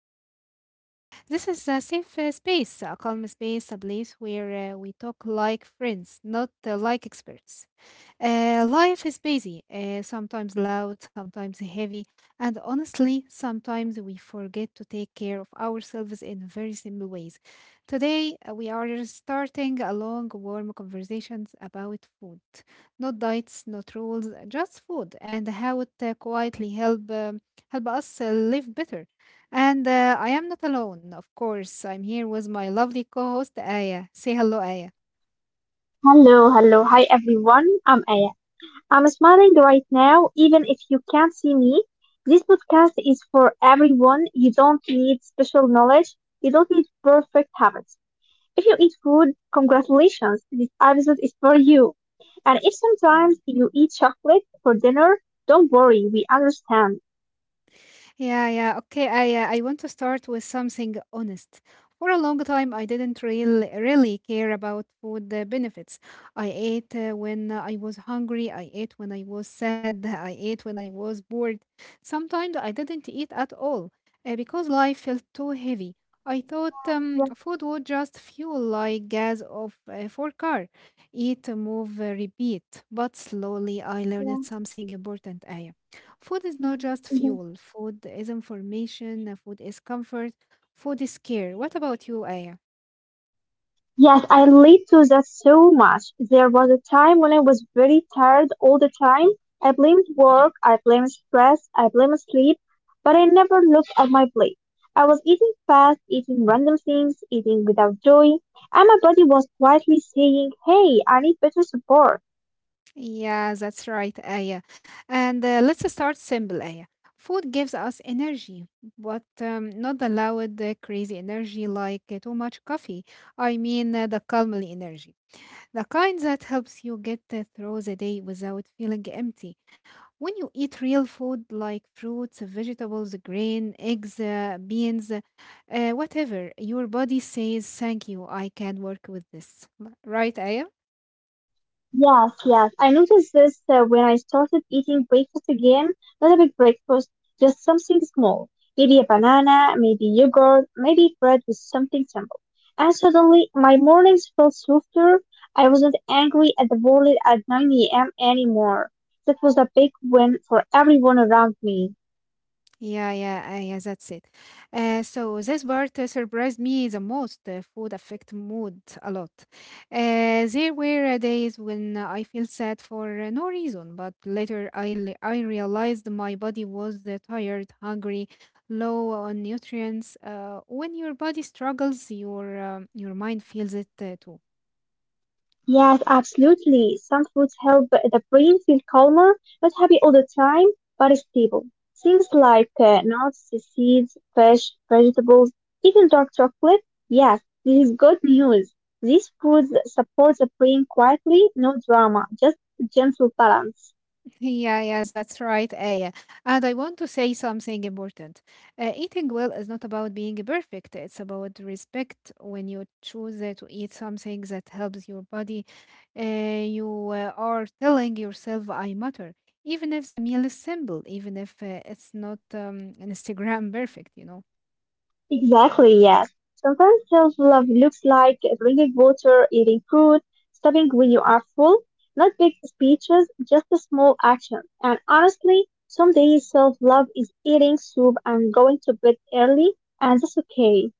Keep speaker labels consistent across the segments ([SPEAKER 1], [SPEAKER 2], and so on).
[SPEAKER 1] with us today. This is a safe space, a calm space, a place where we talk like friends, not like experts. Life is busy, sometimes loud, sometimes heavy, and honestly, sometimes we forget to take care of ourselves in very simple ways. Today, we are starting a long, warm conversations about food. Not diets, not rules, just food, and how it quietly help help us live better. And I am not alone, of course. I'm here with my lovely co-host Aya. Say hello, Aya.
[SPEAKER 2] Hello, hello, hi everyone. I'm Aya. I'm smiling right now, even if you can't see me. This podcast is for everyone. You don't need special knowledge. You don't need perfect habits. If you eat food, congratulations. This episode is for you. And if sometimes you eat chocolate for dinner, don't worry. We understand.
[SPEAKER 1] Yeah, yeah. Okay, I want to start with something honest. For a long time, I didn't really care about food benefits. I ate when I was hungry. I ate when I was sad. I ate when I was bored. Sometimes I didn't eat at all because life felt too heavy. I thought
[SPEAKER 2] Yeah,
[SPEAKER 1] food would just fuel like gas of for car. Eat, move, repeat. But slowly, I learned something important, Aya. Food is not just
[SPEAKER 2] yeah.
[SPEAKER 1] fuel. Food is information. Food is comfort. Food is care. What about you, Aya?
[SPEAKER 2] Yes, I relate to that so much. There was a time when I was very tired all the time. I blamed work, I blamed stress, I blamed sleep, but I never looked at my plate. I was eating fast, eating random things, eating without joy, and my body was quietly saying, hey, I need better support.
[SPEAKER 1] Yeah, that's right, Aya. And let's start simple, Aya. Food gives us energy, but not the loud, crazy energy like too much coffee. I mean, the calmly energy, the kind that helps you get through the day without feeling empty. When you eat real food like fruits, vegetables, grain, eggs, beans, whatever, your body says, thank you, I can work with this. Right, Aya?
[SPEAKER 2] Yes, yes. I noticed this when I started eating breakfast again. Not a big breakfast, just something small. Maybe a banana, maybe yogurt, maybe bread with something simple. And suddenly, my mornings felt softer. I wasn't angry at the world at 9 a.m. anymore. That was a big win for everyone around me.
[SPEAKER 1] Yeah, yeah, yeah, that's it. So this part surprised me the most. Food affect mood a lot. There were days when I feel sad for no reason, but later I realized my body was tired, hungry, low on nutrients. When your body struggles, your mind feels it too.
[SPEAKER 2] Yes, absolutely. Some foods help the brain feel calmer, not happy all the time, but stable. Things like nuts, seeds, fish, vegetables, even dark chocolate. Yes, this is good news. These foods support the brain quietly, no drama, just gentle balance.
[SPEAKER 1] Yeah, yeah, that's right, Aya. And I want to say something important. Eating well is not about being perfect, it's about respect. When you choose to eat something that helps your body, uh, you are telling yourself, I matter. Even if the meal is simple, even if it's not Instagram perfect, you know.
[SPEAKER 2] Exactly, yes. Sometimes self-love looks like drinking water, eating fruit, stopping when you are full, not big speeches, just a small action. And honestly, some days self-love is eating soup and going to bed early, and that's okay.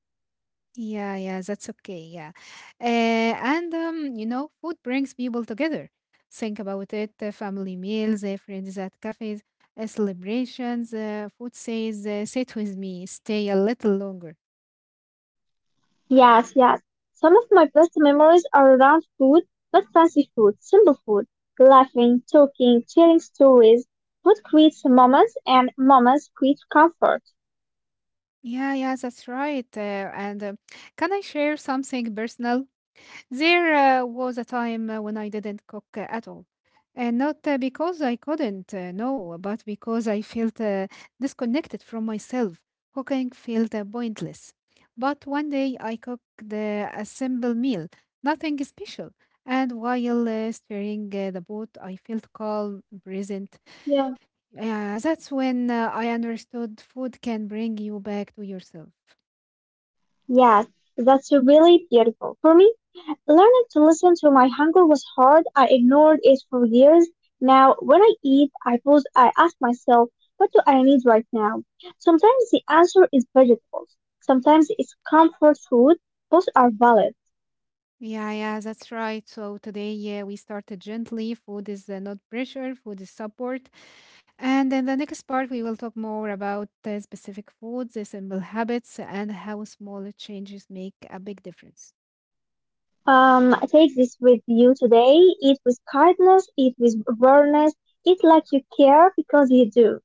[SPEAKER 1] Yeah, yeah, that's okay. Yeah. You know, food brings people together. Think about it family meals, friends at cafes, celebrations. Food says, sit with me, stay a little longer.
[SPEAKER 2] Yes, yes. Some of my best memories are around food, not fancy food, simple food. Laughing, talking, sharing stories. Food creates moments, and moments create comfort.
[SPEAKER 1] Yeah, yeah, that's right. And, can I share something personal? There was a time when I didn't cook at all. And not because I couldn't, no, but because I felt disconnected from myself. Cooking felt pointless. But one day I cooked a simple meal, nothing special. And while stirring the pot, I felt calm, present.
[SPEAKER 2] Yeah.
[SPEAKER 1] Yeah, that's when I understood food can bring you back to yourself.
[SPEAKER 2] Yes, that's really beautiful. For me, learning to listen to my hunger was hard. I ignored it for years. Now, when I eat, I pause, I ask myself, what do I need right now? Sometimes the answer is vegetables. Sometimes it's comfort food. Both are valid.
[SPEAKER 1] Yeah, yeah, that's right. So today, yeah, we started gently. Food is not pressure, food is support. And in the next part, we will talk more about specific foods, the simple habits, and how small changes make a big difference.
[SPEAKER 2] Take this with you today. Eat with kindness, eat with awareness, eat like you care because you do.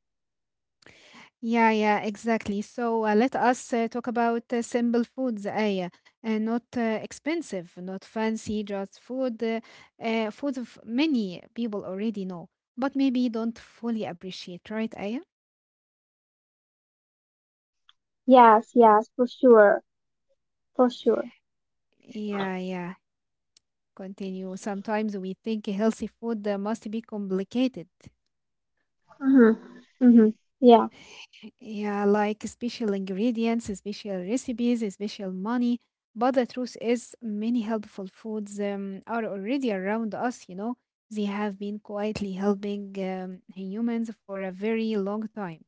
[SPEAKER 1] Yeah, yeah, exactly. So let us talk about simple foods, Aya, and not expensive, not fancy, just food, food of many people already know, but maybe don't fully appreciate, right, Aya?
[SPEAKER 2] Yes, yes, for sure, for sure.
[SPEAKER 1] Yeah, yeah. Continue. Sometimes we think healthy food must be complicated.
[SPEAKER 2] Mm-hmm. Mm-hmm. Yeah.
[SPEAKER 1] Yeah, like special ingredients, special recipes, special money. But the truth is, many helpful foods are already around us, you know. They have been quietly helping humans for a very long time.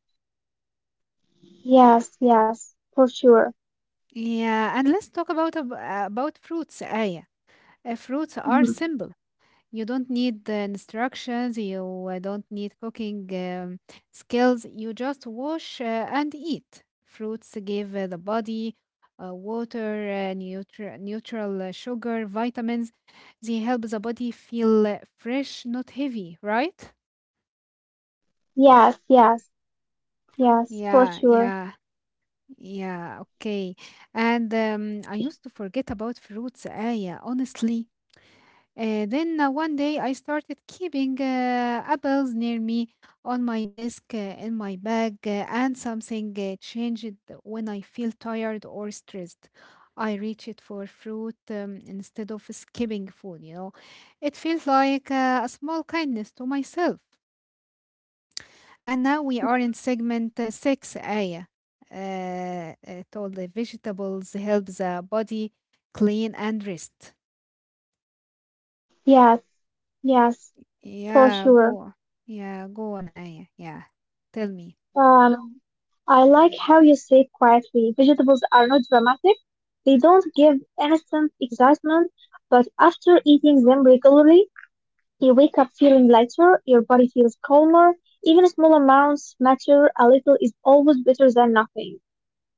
[SPEAKER 2] Yes, yes, for sure.
[SPEAKER 1] Yeah, and let's talk about fruits, Aya. Fruits are
[SPEAKER 2] Hmm.
[SPEAKER 1] simple. You don't need instructions, you don't need cooking skills. You just wash and eat. Fruits give the body water, neutral sugar, vitamins. They help the body feel fresh, not heavy, right?
[SPEAKER 2] Yes, yes, yes, for
[SPEAKER 1] Yeah,
[SPEAKER 2] sure.
[SPEAKER 1] yeah, yeah, okay. And I used to forget about fruits, Aya, honestly. Then one day I started keeping apples near me on my desk, in my bag, and something changed when I feel tired or stressed. I reached for fruit instead of skipping food, you know. It feels like a small kindness to myself. And now we are in
[SPEAKER 2] Mm,
[SPEAKER 1] segment 6, Aya. It all the vegetables help the body clean and rest.
[SPEAKER 2] yes, yes, for
[SPEAKER 1] Yeah,
[SPEAKER 2] sure.
[SPEAKER 1] go on. Yeah, go on, Aya. Yeah, tell me.
[SPEAKER 2] Um, I like how you say quietly. Vegetables are not dramatic. They don't give instant excitement, but after eating them regularly, you wake up feeling lighter, your body feels calmer. Even small amounts matter. A little is always better than nothing.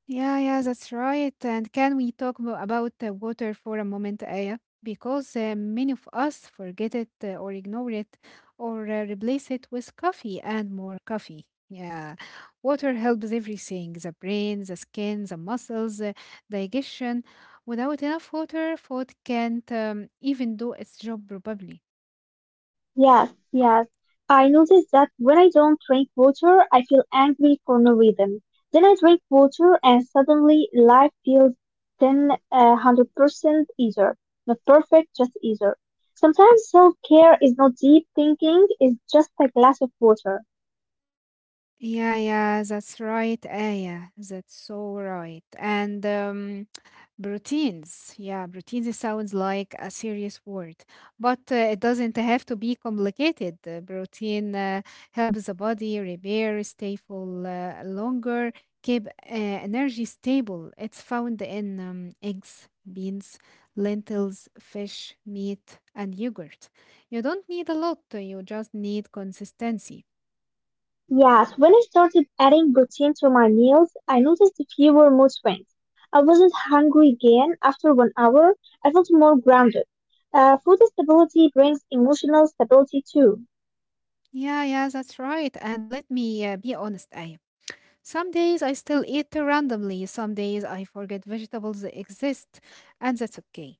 [SPEAKER 1] Yeah, yeah, that's right. And can we talk about water for a moment, Aya? Because many of us forget it or ignore it or replace it with coffee and more coffee. Yeah, water helps everything, the brain, the skin, the muscles, digestion. Without enough water, food can't even do its job properly.
[SPEAKER 2] Yes, yes. I notice that when I don't drink water, I feel angry for no reason. Then I drink water and suddenly life feels 10, a 100% easier. Not perfect, just easier. Sometimes self-care is not deep thinking, it's just a glass of water.
[SPEAKER 1] Yeah, yeah, that's right, Aya. That's so right. And routines. Yeah, routines sounds like a serious word, but it doesn't have to be complicated. Routine helps the body repair, stay full longer, keep energy stable. It's found in eggs, beans, lentils, fish, meat, and yogurt. You don't need a lot, you just need consistency.
[SPEAKER 2] Yes, when I started adding protein to my meals, I noticed fewer mood swings. I wasn't hungry again after 1 hour. I felt more grounded. Food stability brings emotional stability too.
[SPEAKER 1] Yeah, yeah, that's right. And let me be honest, Aya. Some days I still eat randomly. Some days I forget vegetables exist, and that's okay.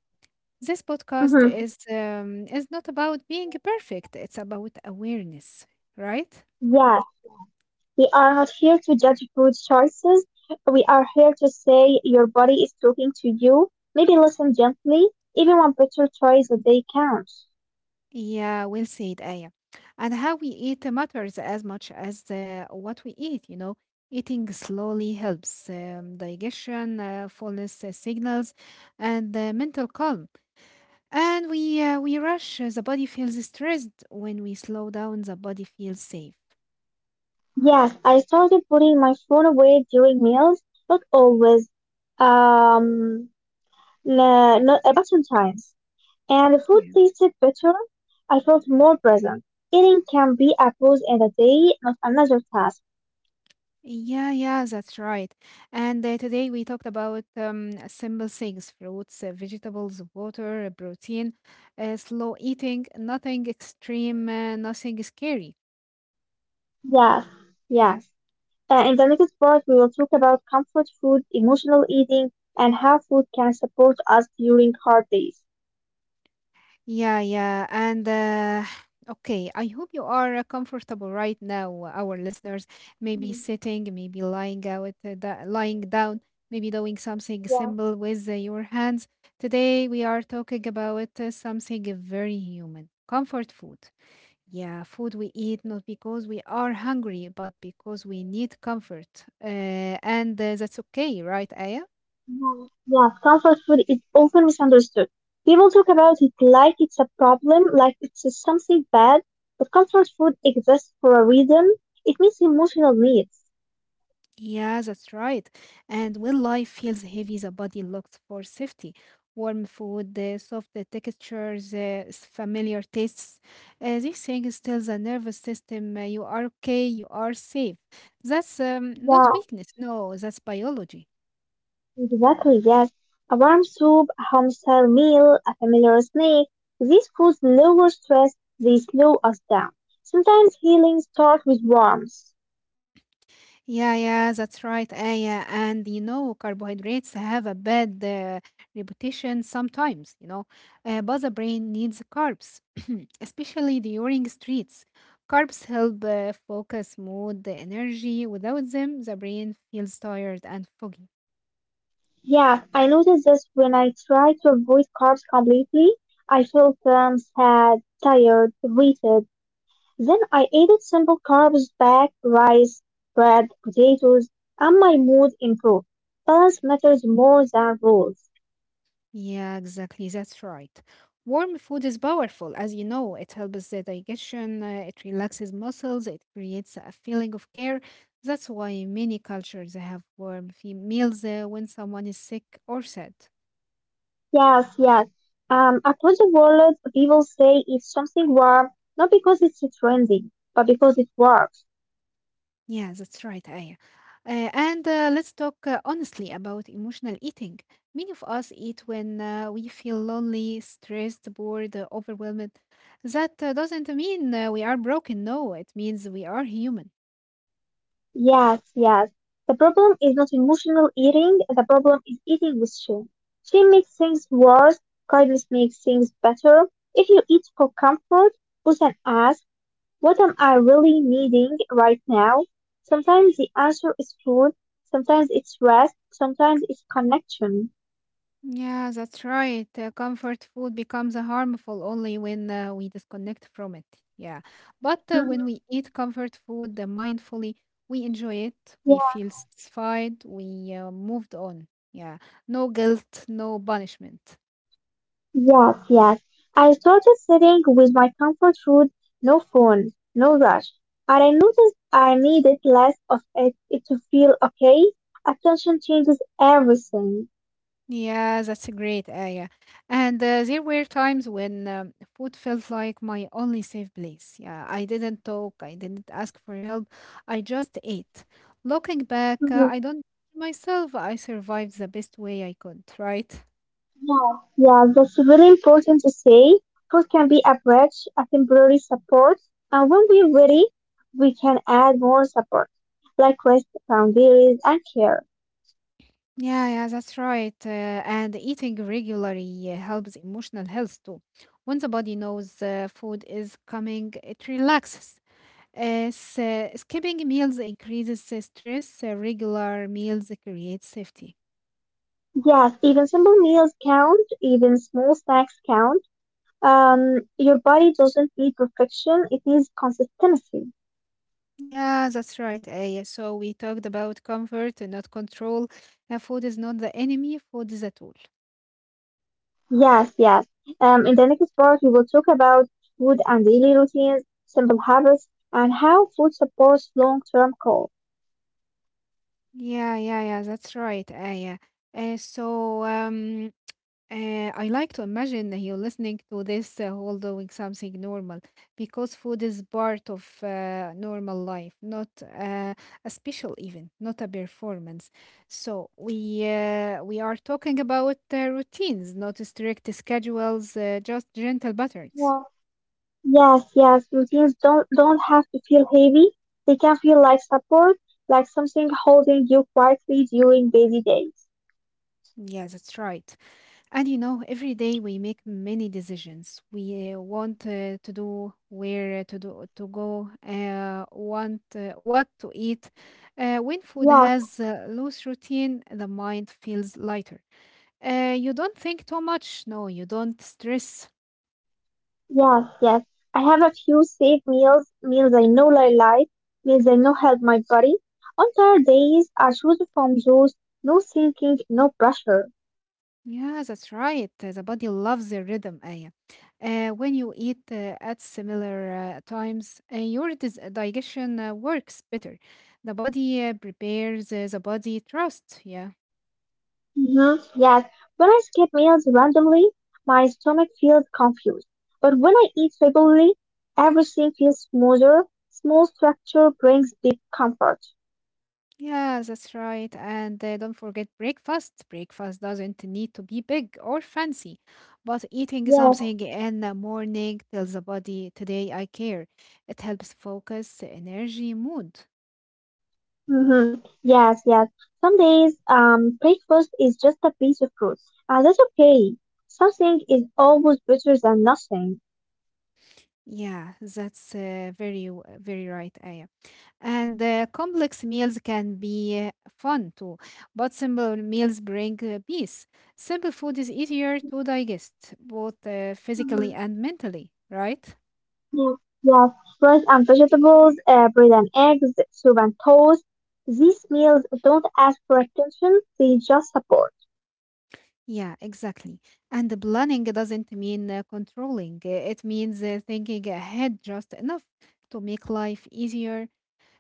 [SPEAKER 1] This podcast
[SPEAKER 2] Hmm.
[SPEAKER 1] is not about being perfect. It's about awareness, right?
[SPEAKER 2] Yes, we are not here to judge food choices. We are here to say your body is talking to you. Maybe listen gently. Even one picture choice a day counts.
[SPEAKER 1] Yeah, well said, Aya. And how we eat matters as much as what we eat. You know, eating slowly helps digestion, fullness signals, and mental calm. And we rush, the body feels stressed. When we slow down, the body feels safe.
[SPEAKER 2] Yes, I started putting my phone away during meals, not always. Um, No, not a button times. And the food
[SPEAKER 1] Yeah.
[SPEAKER 2] tasted better. I felt more present. Eating can be a pause in the day, not another task.
[SPEAKER 1] Yeah, yeah, that's right. And today we talked about simple things: fruits, vegetables, water, protein, slow eating, nothing extreme, nothing scary.
[SPEAKER 2] Yes, yes. In the next part, we will talk about comfort food, emotional eating, and how food can support us during hard days.
[SPEAKER 1] Yeah, yeah. And okay, I hope you are comfortable right now, our listeners. Maybe
[SPEAKER 2] Mhm.
[SPEAKER 1] sitting, maybe lying out, lying down, maybe doing something
[SPEAKER 2] Yes,
[SPEAKER 1] simple with your hands. Today, we are talking about something very human, comfort food. Yeah, food we eat not because we are hungry, but because we need comfort. And That's okay, right, Aya?
[SPEAKER 2] yes, yes. Comfort food is often misunderstood. People talk about it like it's a problem, like it's something bad, but comfort food exists for a reason. It meets emotional needs.
[SPEAKER 1] Yeah, that's right. And when life feels heavy, the body looks for safety. Warm food, soft textures, familiar tastes. These things tell the nervous system you are okay, you are safe. That's not
[SPEAKER 2] Yeah,
[SPEAKER 1] weakness. No, that's biology.
[SPEAKER 2] exactly, yes. A warm soup, a home style meal, a familiar snack. These foods lower stress, they slow us down. Sometimes healing starts with warmth.
[SPEAKER 1] Yeah, yeah, that's right, Aya. And you know, carbohydrates have a bad reputation sometimes, you know, but the brain needs carbs, especially during streets. Carbs help focus, mood, the energy. Without them, the brain feels tired and foggy.
[SPEAKER 2] Yeah, I noticed this when I try to avoid carbs completely. I felt sad, tired, depleted. Then I ate simple carbs back, rice, bread, potatoes, and my mood improved. Balance matters more than rules.
[SPEAKER 1] Yeah, exactly. That's right. Warm food is powerful, as you know. It helps the digestion, it relaxes muscles, it creates a feeling of care. That's why many cultures have warm meals when someone is sick or sad.
[SPEAKER 2] Yes, yes. Across the world, people say it's something warm, not because it's trendy, but because it works.
[SPEAKER 1] Yeah, that's right, Aya. And Let's talk honestly about emotional eating. Many of us eat when we feel lonely, stressed, bored, overwhelmed. That doesn't mean we are broken. No, it means we are human.
[SPEAKER 2] Yes, yes. The problem is not emotional eating, the problem is eating with shame. Shame makes things worse, kindness makes things better. If you eat for comfort, put and ask, what am I really needing right now? Sometimes the answer is food, sometimes it's rest, sometimes it's connection.
[SPEAKER 1] Yeah, that's right. Comfort food becomes harmful only when we disconnect from it. Yeah. But when
[SPEAKER 2] Mhm.
[SPEAKER 1] we eat comfort food mindfully, we enjoy it, we feel satisfied, we moved on. Yeah. No guilt, no punishment.
[SPEAKER 2] Yes, yes. I started sitting with my comfort food, no phone, no rush. And I noticed I needed less of it to feel okay. Attention changes everything.
[SPEAKER 1] Yeah, that's a great area. And there were times when food felt like my only safe place. Yeah, I didn't talk, I didn't ask for help, I just ate. Looking back,
[SPEAKER 2] Mhm.
[SPEAKER 1] I don't blame myself. I survived the best way I could, right?
[SPEAKER 2] Yeah, yeah, that's really important to say. Food can be a bridge, a temporary support, and when we're ready, we can add more support, like rest, boundaries, and care.
[SPEAKER 1] Yeah, yeah, that's right. And eating regularly helps emotional health too. When the body knows food is coming, it relaxes. Skipping meals increases the stress. Regular meals create safety.
[SPEAKER 2] Yes, even simple meals count, even small snacks count. Your body doesn't need perfection, it needs consistency.
[SPEAKER 1] Yeah, that's right, Aya. So we talked about comfort and not control. Food is not the enemy. Food is a tool.
[SPEAKER 2] Yes, yes. In the next part, we will talk about food and daily routines, simple habits, and how food supports long-term goals.
[SPEAKER 1] Yeah, yeah, yeah. That's right, Aya. Uh, so um, I like to imagine you're listening to this while doing something normal because food is part of normal life, not a special event, not a performance. So we are talking about routines, not strict schedules, just gentle patterns.
[SPEAKER 2] Yeah. Yes, yes. Routines don't have to feel heavy. They can feel like support, like something holding you quietly during busy days.
[SPEAKER 1] Yeah, that's right. And you know, every day we make many decisions. We want to do, where to do, to go, want what to eat. When food
[SPEAKER 2] Wow.
[SPEAKER 1] has loose routine, the mind feels lighter. You don't think too much. No, you don't stress.
[SPEAKER 2] Yes, yes. I have a few safe meals, meals I know I like, meals I know help my body. On tired days, I choose from those, no thinking, no pressure.
[SPEAKER 1] Yeah, that's right. The body loves the rhythm, Aya. When you eat at similar times, your digestion works better. The body prepares the body trust. Yeah.
[SPEAKER 2] Hmm. Yes, when I skip meals randomly, my stomach feels confused. But when I eat regularly, everything feels smoother. Small structure brings big comfort.
[SPEAKER 1] Yeah, that's right. And don't forget breakfast. Breakfast doesn't need to be big or fancy, but eating
[SPEAKER 2] Yes.
[SPEAKER 1] something in the morning tells the body, "Today I care." It helps focus, energy, mood.
[SPEAKER 2] Hmm. Yes, yes. Some days, breakfast is just a piece of fruit, and that's okay. Something is always better than nothing.
[SPEAKER 1] Yeah, that's very, very right, Aya. And complex meals can be fun too, but simple meals bring peace. Simple food is easier to digest, both physically
[SPEAKER 2] Mhm.
[SPEAKER 1] and mentally, right?
[SPEAKER 2] Yeah. Yes, rice and vegetables, bread and eggs, soup and toast. These meals don't ask for attention, they just support.
[SPEAKER 1] Yeah, exactly. And the planning doesn't mean controlling, it means thinking ahead just enough to make life easier.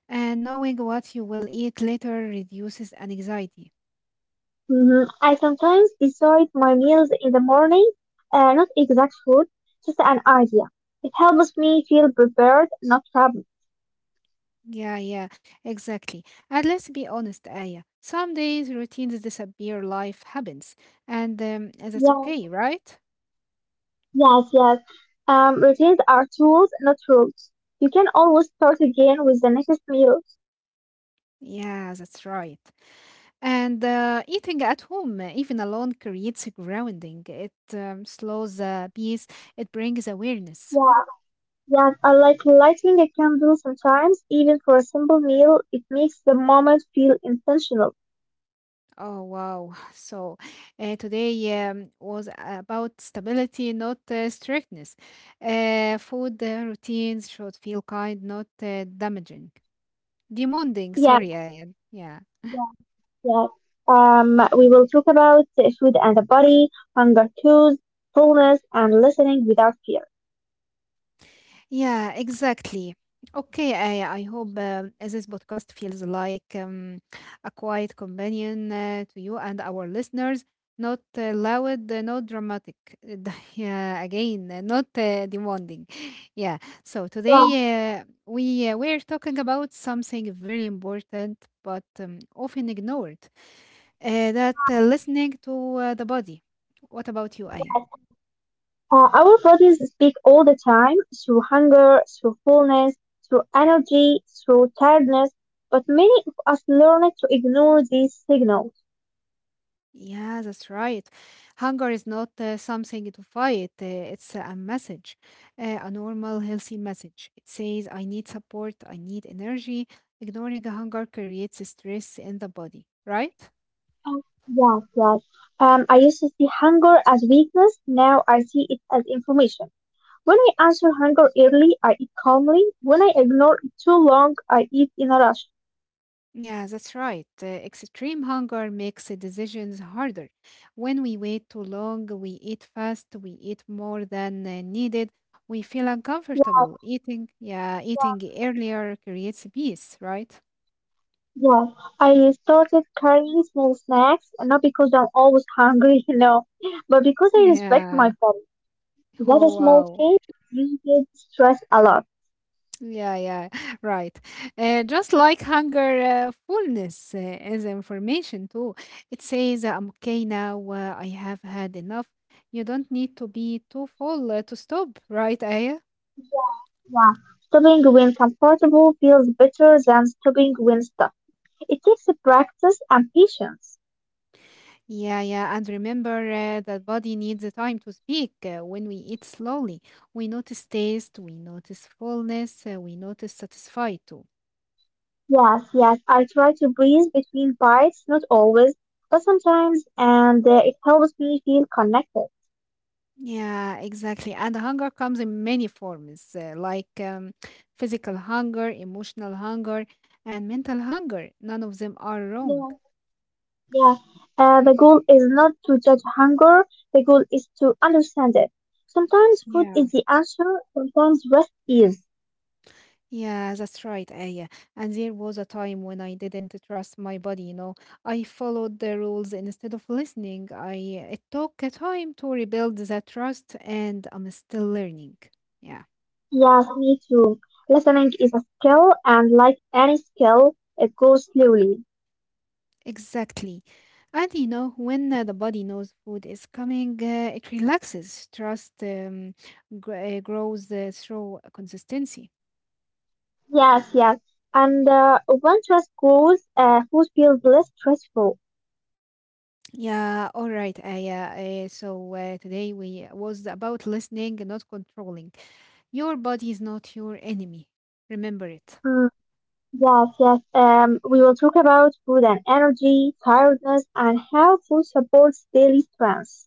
[SPEAKER 1] And knowing what you will eat later reduces anxiety.
[SPEAKER 2] Hmm. I sometimes decide my meals in the morning, not exact food, just an idea. It helps me feel prepared, not trapped.
[SPEAKER 1] Yeah, yeah, exactly. And let's be honest, Aya. Some days routines disappear, life happens. And that's
[SPEAKER 2] Yeah.
[SPEAKER 1] okay, right?
[SPEAKER 2] Yes, yes. Routines are tools, not rules. You can always start again with the next meal.
[SPEAKER 1] Yeah, that's right. And eating at home, even alone, creates a grounding. It slows the pace, it brings awareness.
[SPEAKER 2] Yeah, yes, I like lighting a candle sometimes, even for a simple meal. It makes the moment feel intentional.
[SPEAKER 1] Oh, wow. So today was about stability, not strictness. Food routines should feel kind, not damaging. Demanding,
[SPEAKER 2] Yes,
[SPEAKER 1] sorry, yeah.
[SPEAKER 2] yes, yes. We will talk about the food and the body, hunger cues, fullness, and listening without fear.
[SPEAKER 1] Yeah, exactly. Okay, I hope this podcast feels like a quiet companion to you and our listeners. Not loud, not dramatic. Yeah, again, not demanding. Yeah. So today
[SPEAKER 2] Yeah,
[SPEAKER 1] we're talking about something very important, but often ignored. That
[SPEAKER 2] yes,
[SPEAKER 1] listening to the body. What about you, Aya?
[SPEAKER 2] yes, yes. Our bodies speak all the time through hunger, through fullness, through energy, through tiredness, but many of us learn to ignore these signals.
[SPEAKER 1] Yeah, that's right. Hunger is not something to fight. It's a message, a normal, healthy message. It says, "I need support, I need energy." Ignoring hunger creates stress in the body, right?
[SPEAKER 2] Oh. Yes, yes. I used to see hunger as weakness, now I see it as information. When I answer hunger early, I eat calmly. When I ignore it too long, I eat in a rush.
[SPEAKER 1] Yeah, that's right. Extreme hunger makes the decisions harder. When we wait too long, we eat fast, we eat more than needed, we feel
[SPEAKER 2] Yes,
[SPEAKER 1] uncomfortable. Eating earlier creates peace, right?
[SPEAKER 2] yes. I started carrying small snacks, not because I'm always hungry, you know, but because I respect my
[SPEAKER 1] Yeah.
[SPEAKER 2] body. That a
[SPEAKER 1] Oh,
[SPEAKER 2] small
[SPEAKER 1] wow.
[SPEAKER 2] change reduces stress a lot.
[SPEAKER 1] Yeah, yeah, right. Just like hunger, fullness is information too. It says, "I'm okay now, I have had enough." You don't need to be too full to stop, right, Aya?
[SPEAKER 2] Yeah. Stopping when comfortable feels better than stopping when stuck. It takes practice and patience.
[SPEAKER 1] Yeah, yeah, and remember that body needs a time to speak. When we eat slowly, we notice taste, we notice fullness, we notice satisfied too.
[SPEAKER 2] Yes, yes, I try to breathe between bites, not always, but sometimes, and it helps me feel connected.
[SPEAKER 1] Yeah, exactly. And hunger comes in many forms, like physical hunger, emotional hunger, and mental hunger. None of them are wrong.
[SPEAKER 2] Yeah, yeah. The goal is not to judge hunger, the goal is to understand it. Sometimes food
[SPEAKER 1] Yeah.
[SPEAKER 2] is the answer, sometimes rest is.
[SPEAKER 1] Yeah, that's right, Aya. And there was a time when I didn't trust my body. I followed the rules instead of listening. I It took a time to rebuild that trust, and I'm still learning. Yeah,
[SPEAKER 2] Yes, me too. Listening is a skill, and like any skill, it grows slowly.
[SPEAKER 1] exactly. And when the body knows food is coming, it relaxes. Trust grows through consistency.
[SPEAKER 2] Yes, yes. And when trust grows, food feels less stressful.
[SPEAKER 1] Yeah, all right, Aya. So today we was about listening, not controlling. Your body is not your enemy. Remember it.
[SPEAKER 2] Mm, yes, yes. We will talk about food and energy, tiredness, and how food supports daily strength.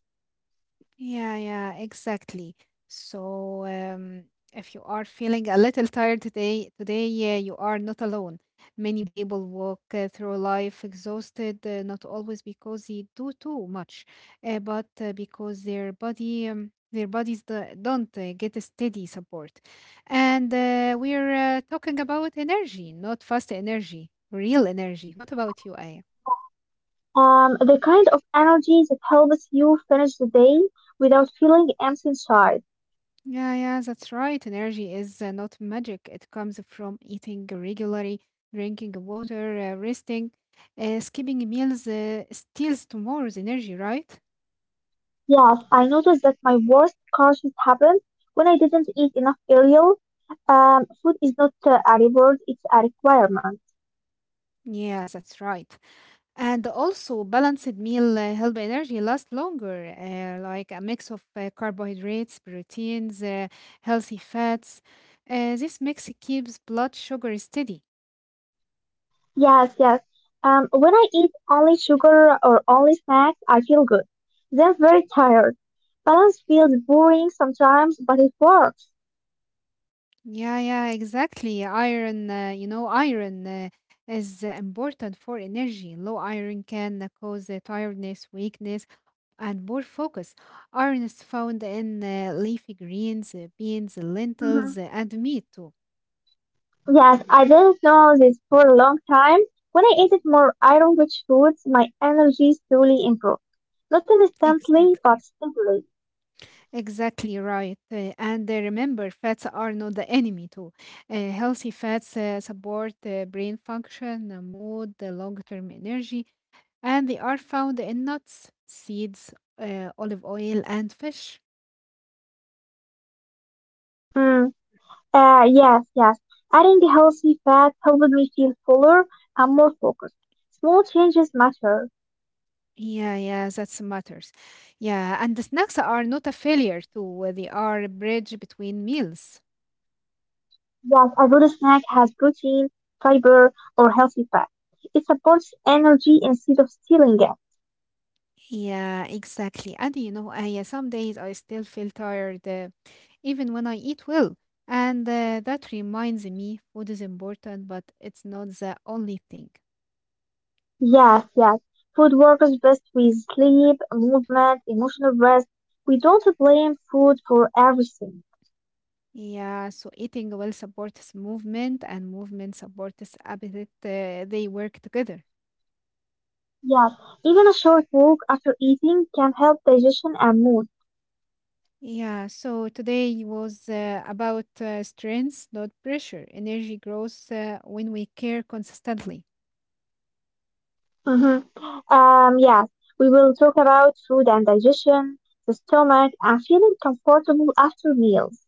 [SPEAKER 1] Yeah, yeah, exactly. So, if you are feeling a little tired today, you are not alone. Many people walk through life exhausted, not always because they do too much, but because their bodies don't get a steady support. And we're talking about energy, not fast energy, real energy. What
[SPEAKER 2] Yeah,
[SPEAKER 1] about you, Aya?
[SPEAKER 2] yeah. The kind of energy that helps you finish the day without feeling empty inside.
[SPEAKER 1] Yeah, yeah, that's right. Energy is not magic. It comes from eating regularly, drinking water, resting. Skipping meals steals tomorrow's energy, right?
[SPEAKER 2] Yes, I noticed that my worst crashes happened when I didn't eat enough cereal. Food is not a reward, it's a requirement.
[SPEAKER 1] Yeah, that's right. And also, balanced meal help energy last longer, like a mix of carbohydrates, proteins, healthy fats. This mix keeps blood sugar steady.
[SPEAKER 2] Yes, yes. When I eat only sugar or only snacks, I feel good. Then very tired. Balance feels boring sometimes, but it works.
[SPEAKER 1] Yeah, yeah, exactly. Iron is important for energy. Low iron can cause tiredness, weakness, and poor focus. Iron is found in leafy greens, beans,
[SPEAKER 2] Mhm.
[SPEAKER 1] lentils, and meat too.
[SPEAKER 2] Yes, I didn't know this for a long time. When I ate more iron-rich foods, my energy slowly improved. Not instantly, but
[SPEAKER 1] Exactly.
[SPEAKER 2] steadily.
[SPEAKER 1] Exactly right. And remember, fats are not the enemy too. Healthy fats support brain function, mood, long-term energy, and they are found in nuts, seeds, olive oil, and fish.
[SPEAKER 2] Mm. Yes, yes. Adding healthy fat helped me feel fuller and more focused. Small changes matter.
[SPEAKER 1] Yeah, yeah, that's matters. Yeah, and the snacks are not a failure too. They are a bridge between meals.
[SPEAKER 2] Yes, a good snack has protein, fiber, or healthy fat. It supports energy instead of stealing it.
[SPEAKER 1] Yeah, exactly. And some days I still feel tired, even when I eat well. And that reminds me, food is important, but it's not the only thing.
[SPEAKER 2] Yes, yes. Food works best with sleep, movement, emotional rest. We don't blame food for everything.
[SPEAKER 1] Yeah, so eating well supports movement, and movement supports appetite. They work together.
[SPEAKER 2] Yes, even a short walk after eating can help digestion and mood.
[SPEAKER 1] Yeah, so today was about strengths, not pressure. Energy grows when we care consistently.
[SPEAKER 2] Mm-hmm. Yes, we will talk about food and digestion, the stomach, and feeling comfortable after meals.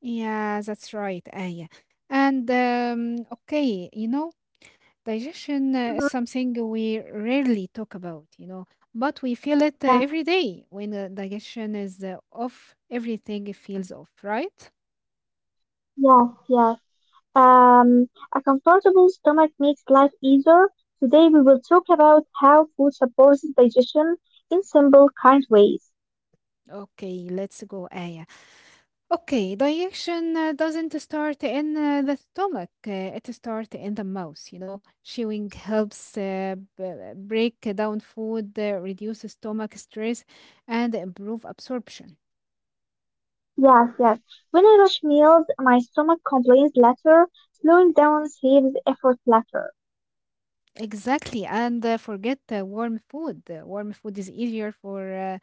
[SPEAKER 1] Yeah, that's right, Aya. And okay, digestion is
[SPEAKER 2] Mm-hmm.
[SPEAKER 1] something we rarely talk about, but we feel it
[SPEAKER 2] Yeah,
[SPEAKER 1] every day. When digestion is off, everything feels off, right?
[SPEAKER 2] yes, yes. Um, a comfortable stomach makes life easier. Today we will talk about how food supports digestion in simple, kind ways.
[SPEAKER 1] Okay, let's go, Aya. Okay, digestion doesn't start in the stomach, it starts in the mouth. Chewing helps break down food, reduce stomach stress, and improve absorption.
[SPEAKER 2] Yes, yes. When I rush meals, my stomach complains later, slowing down saves effort later.
[SPEAKER 1] Exactly, and forget warm food. Warm food is easier for uh,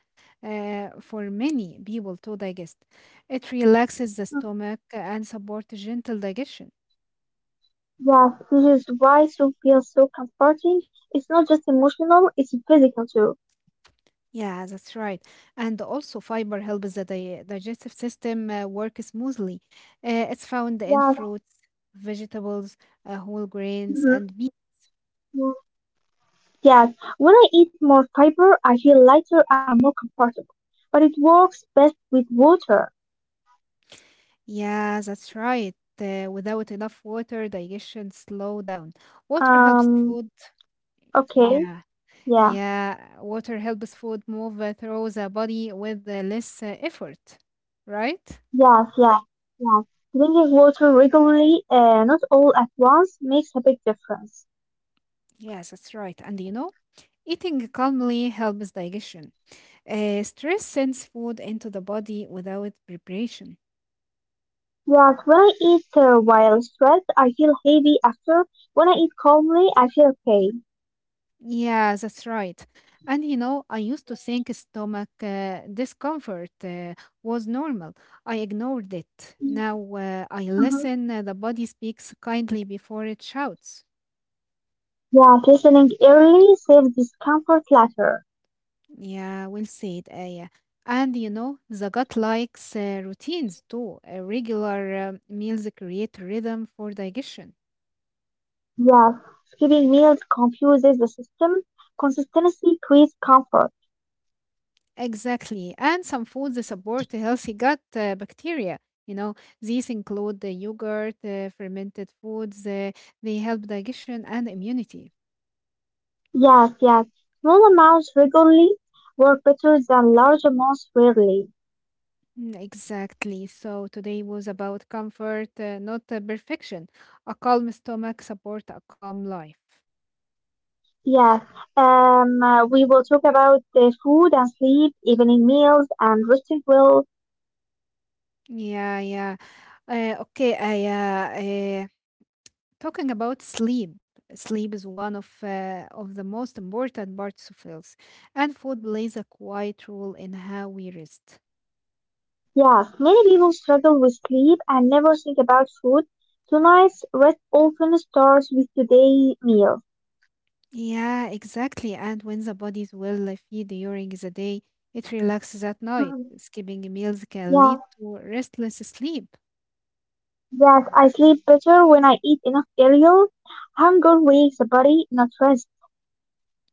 [SPEAKER 1] uh, for many people to digest. It relaxes the stomach and supports gentle digestion.
[SPEAKER 2] Yes, this is why soup feels so comforting. It's not just emotional, it's physical too.
[SPEAKER 1] Yeah, that's right. And also, fiber helps the digestive system work smoothly. It's found in
[SPEAKER 2] Yes.
[SPEAKER 1] fruits, vegetables, whole grains,
[SPEAKER 2] Mhm,
[SPEAKER 1] and meat.
[SPEAKER 2] mhm. Yes. When I eat more fiber, I feel lighter and more comfortable. But it works best with water.
[SPEAKER 1] Yeah, that's right. Without enough water, digestion slow down. Water helps
[SPEAKER 2] Um,
[SPEAKER 1] food.
[SPEAKER 2] okay.
[SPEAKER 1] Yeah,
[SPEAKER 2] Yeah.
[SPEAKER 1] yeah. Water helps food move through the body with less effort, right?
[SPEAKER 2] Yes, yes, yes. Drinking water regularly, not all at once, makes a big difference.
[SPEAKER 1] Yes, that's right. And eating calmly helps digestion. Stress sends food into the body without preparation.
[SPEAKER 2] Yes, when I eat while stressed, I feel heavy after. When I eat calmly, I feel okay.
[SPEAKER 1] Yeah, that's right. And I used to think stomach discomfort was normal. I ignored it. Now I
[SPEAKER 2] Mhm.
[SPEAKER 1] listen. The body speaks kindly before it shouts.
[SPEAKER 2] Yes, listening early saves discomfort later.
[SPEAKER 1] Yeah, we'll see it, Aya. And the gut likes routines too. Regular meals create rhythm for digestion.
[SPEAKER 2] Yes, skipping meals confuses the system. Consistency creates comfort.
[SPEAKER 1] Exactly. And some foods that support healthy gut bacteria. You know, these include the yogurt, fermented foods. They help digestion and immunity.
[SPEAKER 2] Yes, yes. Small amounts regularly work better than large amounts rarely.
[SPEAKER 1] Mm, exactly. So today was about comfort, not perfection. A calm stomach support a calm life.
[SPEAKER 2] Yes. We will talk about the food and sleep, evening meals, and resting well.
[SPEAKER 1] Yeah, yeah. Uh, okay, I, uh, uh, Talking about sleep, sleep is one of the most important parts of health, and food plays a quiet role in how we rest.
[SPEAKER 2] Yes, many people struggle with sleep and never think about food. Tonight's rest often starts with today's meal.
[SPEAKER 1] Yeah, exactly. And when the body is well fed during the day, it relaxes at night.
[SPEAKER 2] Mhm.
[SPEAKER 1] Skipping meals can
[SPEAKER 2] Yeah.
[SPEAKER 1] lead to restless sleep.
[SPEAKER 2] Yes, I sleep better when I eat enough cereal. Hunger wakes the body, not rest.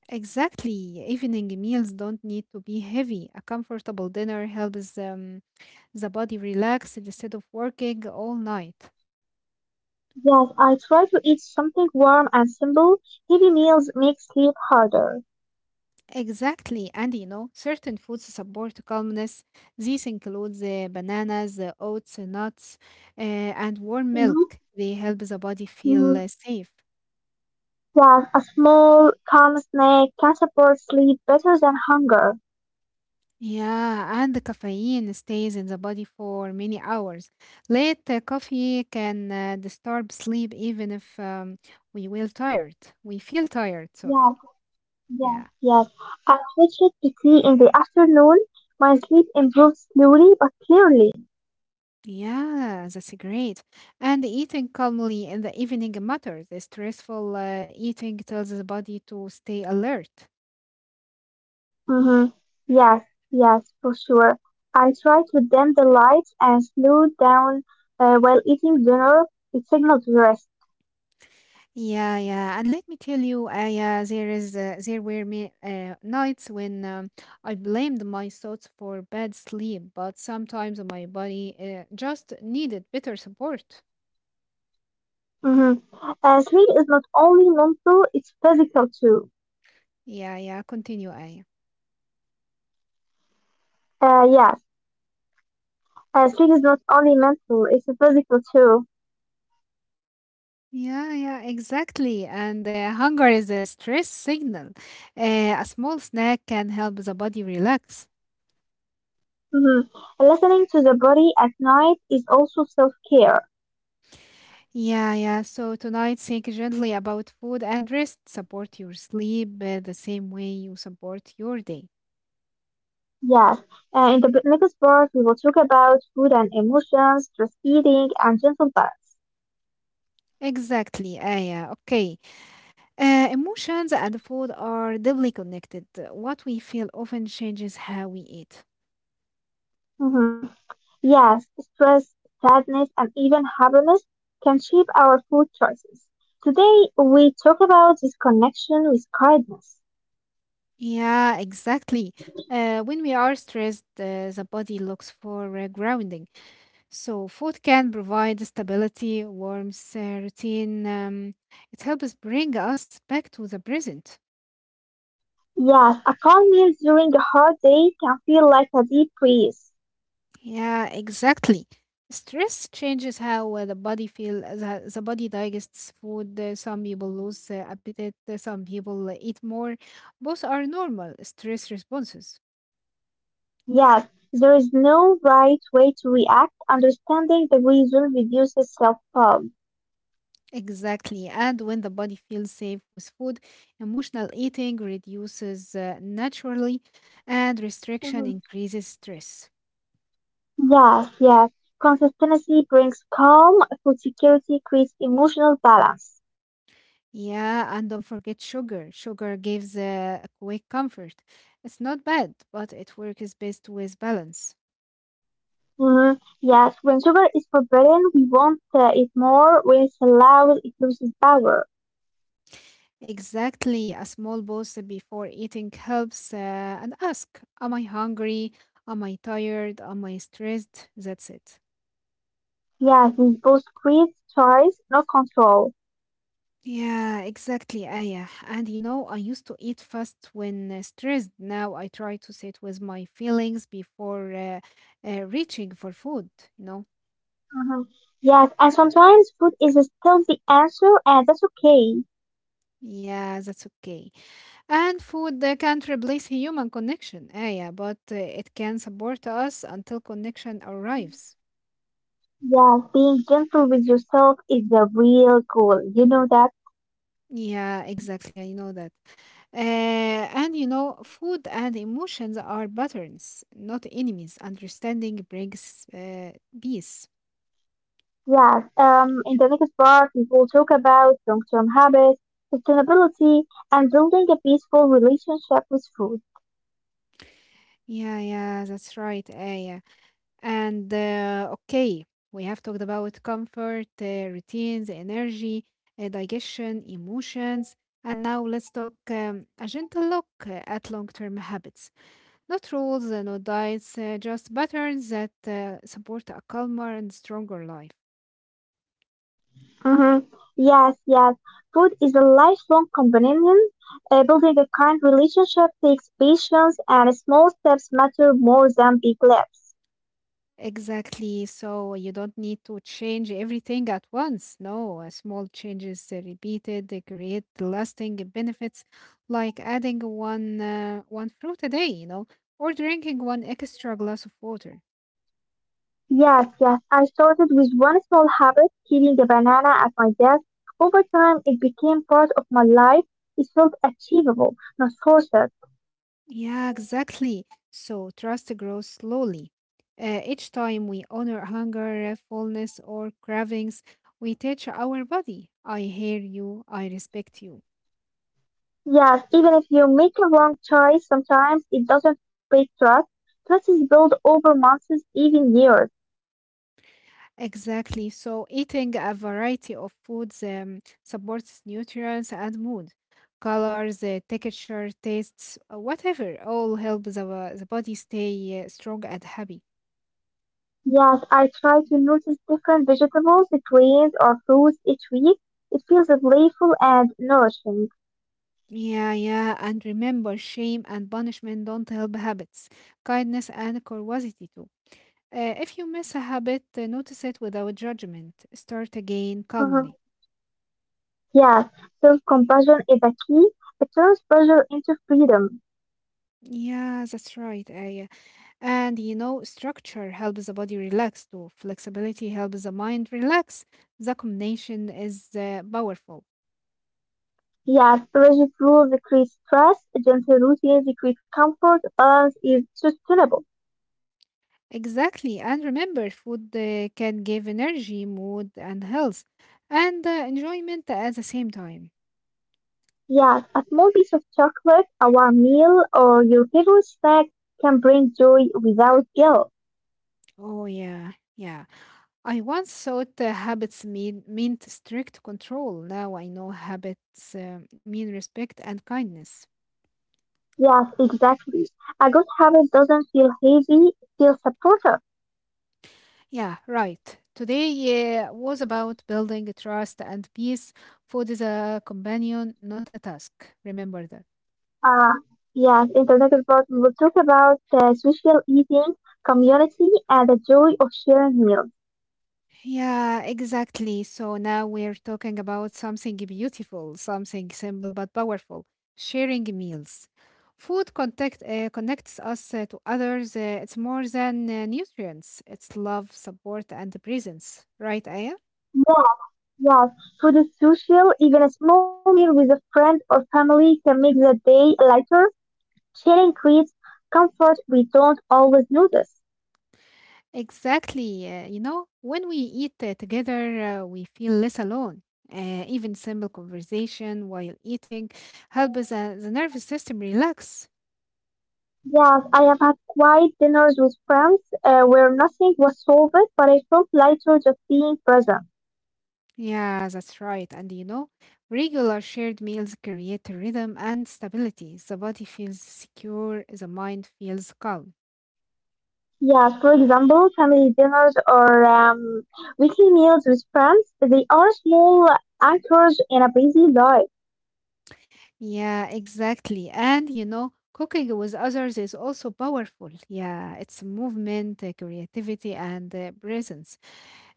[SPEAKER 1] Exactly. Evening meals don't need to be heavy. A comfortable dinner helps the body relax instead of working all night.
[SPEAKER 2] Yes, I try to eat something warm and simple. Heavy meals make sleep harder.
[SPEAKER 1] Exactly, and certain foods support calmness. These include the bananas, the oats, the nuts, and warm milk. They help the body feel
[SPEAKER 2] Mhm.
[SPEAKER 1] safe.
[SPEAKER 2] Yes, a small, calm snack can support sleep better than hunger.
[SPEAKER 1] Yeah, and the caffeine stays in the body for many hours. Late coffee can disturb sleep even if we will tired. We feel tired, sorry.
[SPEAKER 2] Yes,
[SPEAKER 1] Yeah.
[SPEAKER 2] yes, yes. I switch it to tea in the afternoon. My sleep improves slowly but clearly.
[SPEAKER 1] Yeah, that's great. And eating calmly in the evening matters. The stressful eating tells the body to stay alert.
[SPEAKER 2] Mm-hmm. Yes, yes, for sure. I try to dim the lights and slow down while eating dinner. It signals rest.
[SPEAKER 1] Yeah, yeah. And let me tell you, yeah, there were me nights when I blamed my thoughts for bad sleep, but sometimes my body just needed better support.
[SPEAKER 2] Mm-hmm. Sleep is not only mental, it's physical too.
[SPEAKER 1] Yeah, yeah. Continue, Aya.
[SPEAKER 2] Yes, sleep is not only mental, it's physical too.
[SPEAKER 1] Yeah, yeah, exactly. And hunger is a stress signal. A small snack can help the body relax.
[SPEAKER 2] Mm-hmm. Listening to the body at night is also self-care.
[SPEAKER 1] Yeah, yeah. So tonight, think gently about food and rest. Support your sleep the same way you support your day.
[SPEAKER 2] Yes. In the next part, we will talk about food and emotions, stress eating, and gentle balance.
[SPEAKER 1] Exactly, Aya. Okay. Emotions and food are deeply connected. What we feel often changes how we eat.
[SPEAKER 2] Mm-hmm. Yes, stress, sadness, and even happiness can shape our food choices. Today, we talk about this connection with kindness.
[SPEAKER 1] Yeah, exactly. When we are stressed, the body looks for grounding. So, food can provide stability, warmth, routine. It helps bring us back to the present.
[SPEAKER 2] Yes, a calm meal during a hard day can feel like a deep breeze.
[SPEAKER 1] Yeah, exactly. Stress changes how the body feel. The body digests food. Some people lose appetite. Some people eat more. Both are normal stress responses.
[SPEAKER 2] Yes, there is no right way to react. Understanding the reason reduces self-harm.
[SPEAKER 1] Exactly. And when the body feels safe with food, emotional eating reduces naturally, and restriction
[SPEAKER 2] Mhm.
[SPEAKER 1] increases stress.
[SPEAKER 2] Yes, yes. Consistency brings calm. Food security creates emotional balance.
[SPEAKER 1] Yeah, and don't forget sugar. Sugar gives a quick comfort. It's not bad, but it works best with balance.
[SPEAKER 2] Mm, yes, when sugar is forbidden, we want it more. When it's allowed, it loses power.
[SPEAKER 1] Exactly. A small pause before eating helps and ask, "Am I hungry? Am I tired? Am I stressed?" That's it.
[SPEAKER 2] Yes, this both creates choice, not control.
[SPEAKER 1] Yeah, exactly, Aya. And I used to eat fast when stressed. Now I try to sit with my feelings before reaching for food, you know?
[SPEAKER 2] Hmm. Yes, and sometimes food is still the answer, and that's okay.
[SPEAKER 1] Yeah, that's okay. And food can't replace human connection, Aya, but it can support us until connection arrives.
[SPEAKER 2] Yes, being gentle with yourself is the real goal. You know that?
[SPEAKER 1] Yeah, exactly. I know that. Uh, and food and emotions are patterns, not enemies. Understanding brings peace.
[SPEAKER 2] Yes. In the next part, we will talk about long term habits, sustainability, and building a peaceful relationship with food.
[SPEAKER 1] Yeah, yeah, that's right. Yeah. And okay, we have talked about comfort, routines, energy, digestion, emotions. And now let's talk a gentle look at long term habits. Not rules, not diets, just patterns that support a calmer and stronger life.
[SPEAKER 2] Mm-hmm. Yes, yes. Food is a lifelong companion. Building a kind relationship takes patience, and small steps matter more than big leaps.
[SPEAKER 1] Exactly. So you don't need to change everything at once. No, small changes repeated they create lasting benefits, like adding one fruit a day, or drinking one extra glass of water.
[SPEAKER 2] Yes, yes. I started with one small habit, keeping a banana at my desk. Over time, it became part of my life. It felt achievable, not forced.
[SPEAKER 1] Yeah, exactly. So trust grows slowly. Each time we honor hunger, fullness, or cravings, we teach our body, I hear you, I respect you.
[SPEAKER 2] Yes, even if you make a wrong choice, sometimes it doesn't break trust. Trust is built over months, even years.
[SPEAKER 1] Exactly. So, eating a variety of foods supports nutrients and mood. Colors, texture, tastes, whatever, all help the body stay strong and happy.
[SPEAKER 2] Yes, I try to notice different vegetables, grains, or fruits each week. It feels playful and nourishing.
[SPEAKER 1] Yeah, yeah. And remember, shame and punishment don't help habits. Kindness and curiosity, too. If you miss a habit, notice it without judgment. Start again
[SPEAKER 2] Mhm.
[SPEAKER 1] calmly.
[SPEAKER 2] Yes, self-compassion is a key. It turns pressure into freedom.
[SPEAKER 1] Yeah, that's right, Aya. And structure helps the body relax too. Flexibility helps the mind relax. The combination is powerful.
[SPEAKER 2] Yes, rigid rules decrease stress, gentle routines create comfort, balance is sustainable.
[SPEAKER 1] Exactly. And remember, food can give energy, mood, and health, and enjoyment at the same time.
[SPEAKER 2] Yes, a small piece of chocolate, a warm meal, or your favorite snack can bring joy without guilt.
[SPEAKER 1] Oh, yeah. Yeah. I once thought habits meant strict control. Now I know habits mean respect and kindness.
[SPEAKER 2] Yes, exactly. A good habit doesn't feel heavy, it feels supportive.
[SPEAKER 1] Yeah, right. Today was about building trust and peace. Food is a companion, not a task. Remember that.
[SPEAKER 2] Uh, yes, Internet is what we will talk about social eating, community, and the joy of sharing meals.
[SPEAKER 1] Yeah, exactly. So now we're talking about something beautiful, something simple but powerful: sharing meals. Food contact, connects us to others. It's more than nutrients, it's love, support, and presence. Right, Aya?
[SPEAKER 2] Yes, yes, food is social. Even a small meal with a friend or family can make the day lighter. Sharing creates comfort we don't always notice.
[SPEAKER 1] Exactly. When we eat together, we feel less alone. Even simple conversation while eating helps the nervous system relax.
[SPEAKER 2] Yes, I have had quiet dinners with friends where nothing was solved, but I felt lighter just being present.
[SPEAKER 1] Yeah, that's right. And regular shared meals create rhythm and stability. The body feels secure, the mind feels calm.
[SPEAKER 2] Yes, for example, family dinners or weekly meals with friends, they are small anchors in a busy life.
[SPEAKER 1] Yeah, exactly. And cooking with others is also powerful. Yeah, it's movement, creativity, and presence.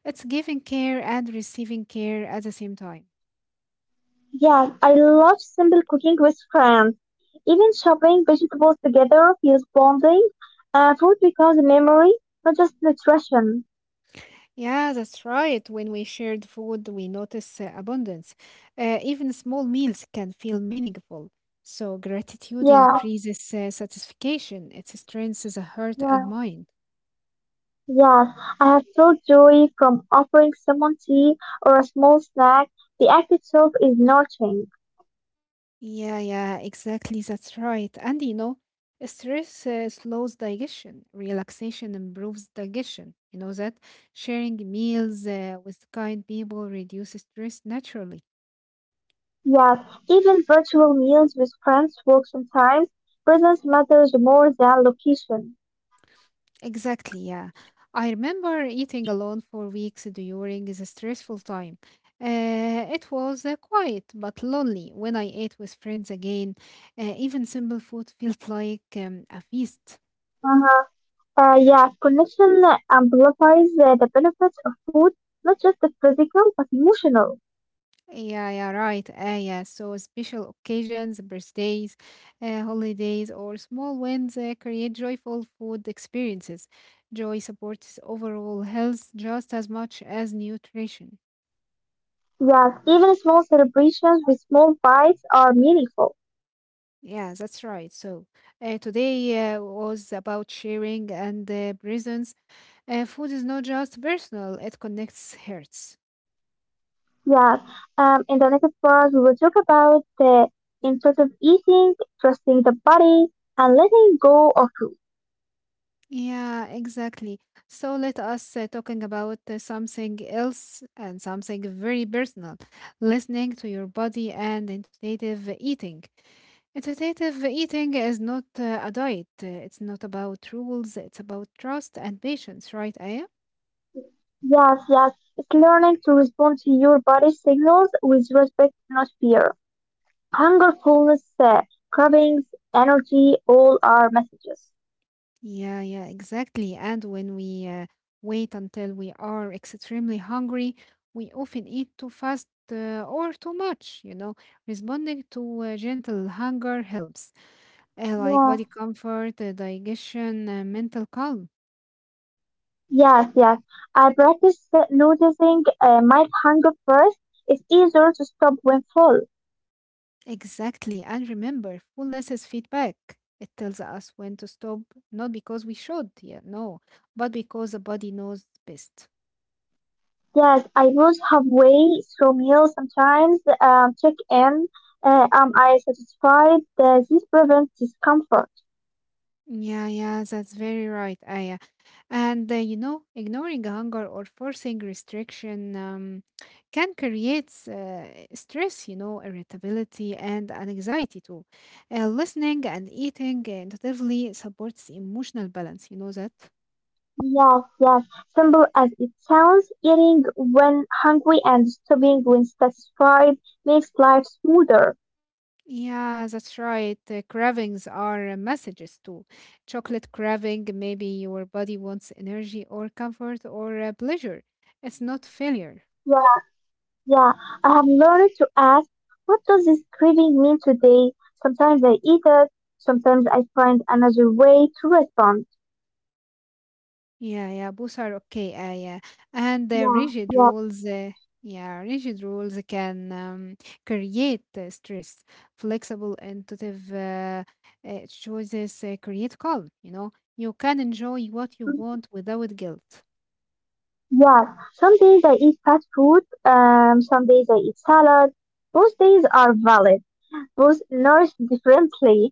[SPEAKER 1] It's giving care and receiving care at the same time.
[SPEAKER 2] Yes, I love simple cooking with friends. Even chopping vegetables together feels bonding. Food becomes a memory, not just nutrition.
[SPEAKER 1] Yeah, that's right. When we shared food, we notice abundance. Even small meals can feel meaningful. So, gratitude
[SPEAKER 2] Yeah,
[SPEAKER 1] increases satisfaction, it strengthens the heart and
[SPEAKER 2] yeah,
[SPEAKER 1] mind.
[SPEAKER 2] yes. I have felt joy from offering someone tea or a small snack. The act itself is nurturing.
[SPEAKER 1] Yeah, yeah, exactly. That's right. And stress slows digestion, relaxation improves digestion. You know that sharing meals with kind people reduces stress naturally.
[SPEAKER 2] Yes, even virtual meals with friends work sometimes. Presence matters more than location.
[SPEAKER 1] Exactly, yeah. I remember eating alone for weeks during the stressful time. It was quiet but lonely when I ate with friends again. Even simple food felt like a feast.
[SPEAKER 2] Huh. Yeah, connection amplifies the benefits of food, not just the physical, but emotional.
[SPEAKER 1] Yeah, yeah, right. Yeah, so special occasions, birthdays, holidays, or small wins create joyful food experiences. Joy supports overall health just as much as nutrition.
[SPEAKER 2] Yes, even small celebrations with small bites are meaningful.
[SPEAKER 1] Yeah, that's right. So, today was about sharing and presence. Food is not just personal, it connects hearts.
[SPEAKER 2] Yes, in the next part, we will talk about the intuitive eating, trusting the body, and letting go of.
[SPEAKER 1] Yeah, exactly. So, let us talking about something else and something very personal: listening to your body and intuitive eating. Intuitive eating is not a diet, it's not about rules, it's about trust and patience, right, Aya?
[SPEAKER 2] Yes, yes. It's learning to respond to your body signals with respect, not fear. Hunger, fullness, cravings, energy, all are messages.
[SPEAKER 1] Yeah, yeah, exactly. And when we wait until we are extremely hungry, we often eat too fast or too much. Responding to gentle hunger helps, like
[SPEAKER 2] Yeah.
[SPEAKER 1] body comfort, digestion, mental calm.
[SPEAKER 2] Yes, yes. I practice noticing my hunger first. It's easier to stop when full.
[SPEAKER 1] Exactly. And remember, fullness is feedback. It tells us when to stop, not because we should, yeah, no, but because the body knows best.
[SPEAKER 2] Yes, I lose halfway through meals sometimes. Check in. Am I satisfied? This prevents discomfort.
[SPEAKER 1] Yeah, yeah, that's very right, Aya. And ignoring hunger or forcing restriction can create stress, irritability and an anxiety too. Listening and eating intuitively supports emotional balance. You know that?
[SPEAKER 2] Yes, yes. Simple as it sounds, eating when hungry and stopping when satisfied makes life smoother.
[SPEAKER 1] Yeah, that's right. Cravings are messages too. Chocolate craving, maybe your body wants energy or comfort or pleasure. It's not failure.
[SPEAKER 2] Yeah, yeah. I have learned to ask, what does this craving mean today? Sometimes I eat it, sometimes I find another way to respond.
[SPEAKER 1] Yeah, yeah, both are okay. Yeah, and the
[SPEAKER 2] Yeah,
[SPEAKER 1] rigid
[SPEAKER 2] yeah,
[SPEAKER 1] rules, yeah, rigid rules can create stress. Flexible, intuitive choices create calm. You can enjoy what you want without guilt.
[SPEAKER 2] yeah. Some days I eat fast food, some days I eat salad. Both days are valid. Both nourish differently.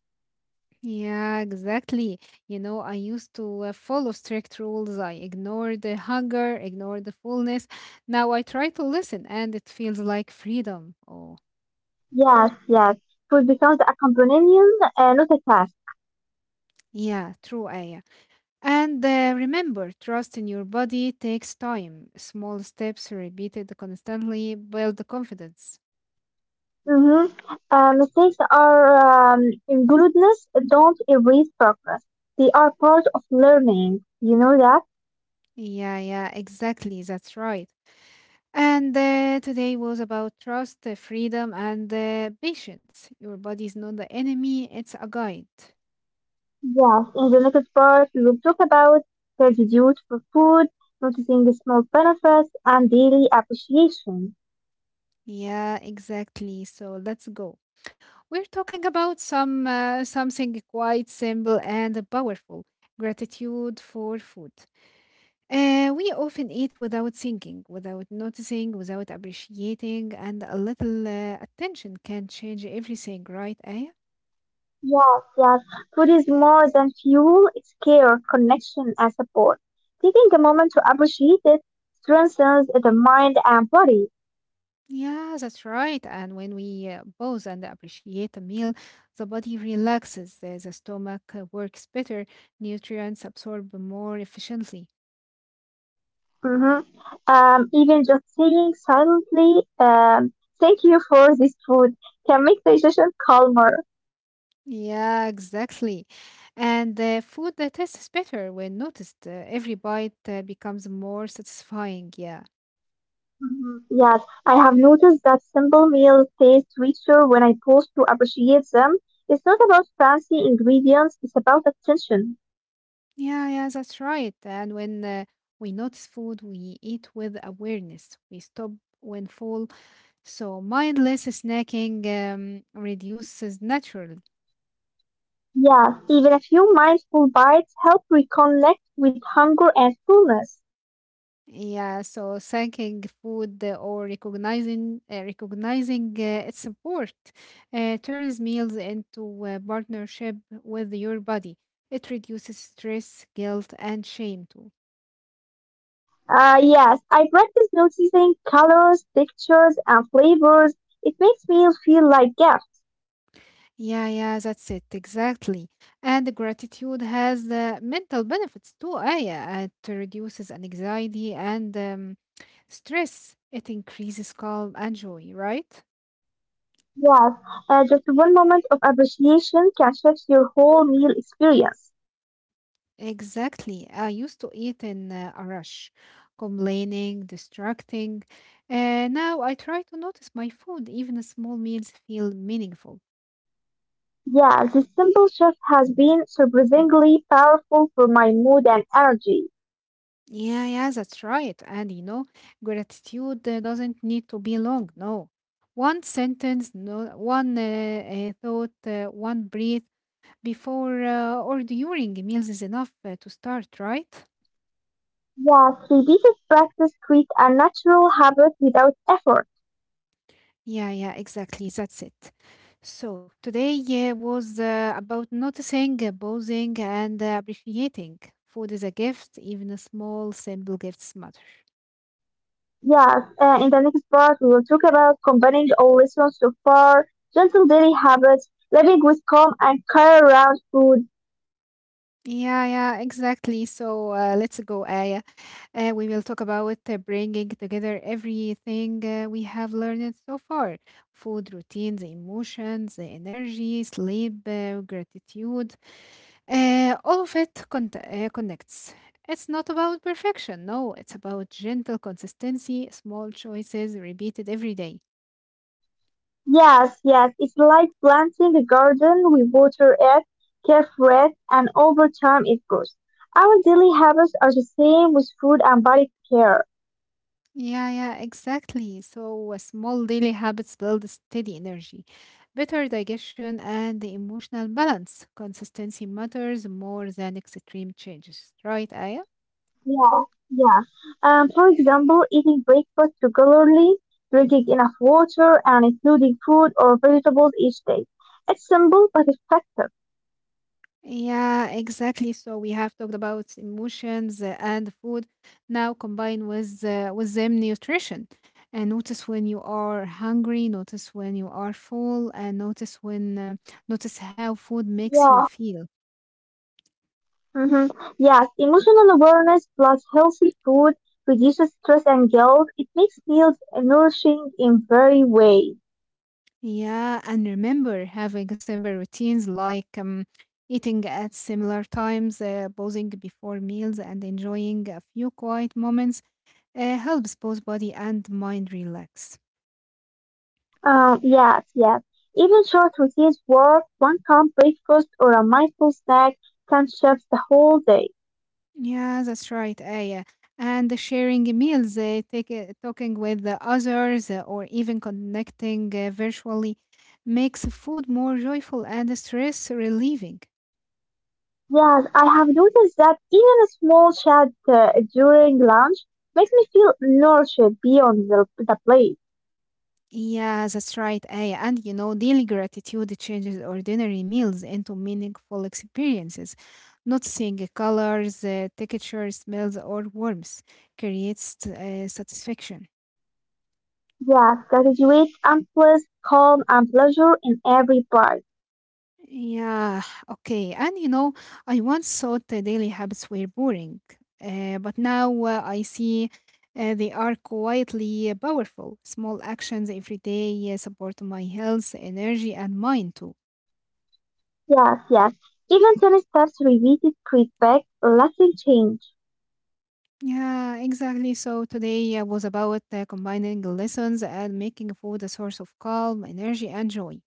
[SPEAKER 1] Yeah, exactly. I used to follow strict rules. I ignored the hunger, ignored the fullness. Now I try to listen, and it feels like freedom. Oh,
[SPEAKER 2] Yes, yes. Food becomes a companion, not a task.
[SPEAKER 1] yeah, true, Aya. And remember, trust in your body takes time. Small steps repeated constantly build the confidence.
[SPEAKER 2] Mm-hmm. Mistakes are inglutious, don't erase progress. They are part of learning. You know that?
[SPEAKER 1] Yeah, yeah, exactly. That's right. And today was about trust, freedom, and patience. Your body is not the enemy, it's a guide.
[SPEAKER 2] Yes. In the next part, we will talk about gratitude for food, noticing the small benefits, and daily appreciation.
[SPEAKER 1] Yeah, exactly. So let's go. We're talking about something quite simple and powerful: gratitude for food. We often eat without thinking, without noticing, without appreciating, and a little attention can change everything, right, Aya?
[SPEAKER 2] Yes, yes. Food is more than fuel, it's care, connection, and support. Taking a moment to appreciate it strengthens the mind and body.
[SPEAKER 1] Yeah, that's right. And when we pause and appreciate a meal, the body relaxes, the stomach works better, nutrients absorb more efficiently.
[SPEAKER 2] Hmm. Even just saying silently, um, thank you for this food can make digestion calmer.
[SPEAKER 1] Yeah, exactly. And food that tastes better when noticed. Every bite becomes more satisfying. Yeah.
[SPEAKER 2] Hmm. Yes, I have noticed that simple meals taste richer when I pause to appreciate them. It's not about fancy ingredients, it's about attention.
[SPEAKER 1] Yeah, yeah, that's right. And when we notice food, we eat with awareness. We stop when full. So mindless snacking reduces naturally.
[SPEAKER 2] Yes, even a few mindful bites help reconnect with hunger and fullness.
[SPEAKER 1] Yeah, so thanking food or recognizing its support turns meals into a partnership with your body. It reduces stress, guilt, and shame too.
[SPEAKER 2] Yes, I practice noticing colors, textures, and flavors. It makes meals feel like gifts.
[SPEAKER 1] Yeah, yeah, that's it, exactly. And gratitude has mental benefits too, Aya. It reduces anxiety and stress. It increases calm and joy, right?
[SPEAKER 2] Yes, just one moment of appreciation can shift your whole meal experience.
[SPEAKER 1] Exactly. I used to eat in a rush, complaining, distracting. And now I try to notice my food. Even small meals feel meaningful.
[SPEAKER 2] Yeah, this simple shift has been surprisingly powerful for my mood and energy.
[SPEAKER 1] Yeah, yeah, that's right. And gratitude doesn't need to be long. No, one sentence, no, one thought, one breath before or during meals is enough to start, right?
[SPEAKER 2] Yes, repeated practice creates a natural habit without effort.
[SPEAKER 1] Yeah, yeah, exactly. That's it. So today was about noticing, pausing, and appreciating. Food is a gift, even a small, simple gifts matter.
[SPEAKER 2] Yes, in the next part, we will talk about combining all lessons so far, gentle daily habits, living with calm and care around food.
[SPEAKER 1] Yeah, yeah, exactly. So let's go, Aya. We will talk about bringing together everything we have learned so far: food, routines, emotions, energy, sleep, gratitude. All of it connects. It's not about perfection, no, it's about gentle consistency, small choices repeated every day.
[SPEAKER 2] Yes, yes, it's like planting a garden. We water it, care for it, and over time it grows. Our daily habits are the same with food and body care.
[SPEAKER 1] Yeah, yeah, exactly. So, small daily habits build steady energy, better digestion, and the emotional balance. Consistency matters more than extreme changes, right, Aya?
[SPEAKER 2] Yeah, yeah. For example, eating breakfast regularly, drinking enough water, and including fruit or vegetables each day. It's simple but effective.
[SPEAKER 1] Yeah, exactly. So we have talked about emotions and food. Now combine with them nutrition, and notice when you are hungry, notice when you are full, and notice how food makes you
[SPEAKER 2] Yeah.
[SPEAKER 1] feel.
[SPEAKER 2] Mm-hmm. Yes, emotional awareness plus healthy food reduces stress and guilt. It makes meals nourishing in very way.
[SPEAKER 1] Yeah, and remember having simple routines like eating at similar times, pausing before meals, and enjoying a few quiet moments helps both body and mind relax.
[SPEAKER 2] Yes, yes. Even short routines work. One calm breakfast or a mindful snack can shift the whole day.
[SPEAKER 1] Yeah, that's right, Aya. And sharing meals, talking with the others, or even connecting virtually makes food more joyful and stress relieving.
[SPEAKER 2] Yes, I have noticed that even a small chat during lunch makes me feel nourished beyond the plate.
[SPEAKER 1] Yeah, that's right, Aya. And daily gratitude changes ordinary meals into meaningful experiences. Noticing colors, texture, smells, or warmth creates satisfaction.
[SPEAKER 2] Yes, graduate and bliss, calm and pleasure in every bite.
[SPEAKER 1] Yeah, okay. And I once thought the daily habits were boring, but now I see they are quietly powerful. Small actions every day support my health, energy, and mind too.
[SPEAKER 2] Yes, yes. Even tiny steps repeated create back lasting change.
[SPEAKER 1] Yeah, exactly. So today was about combining lessons and making food a source of calm, energy, and joy.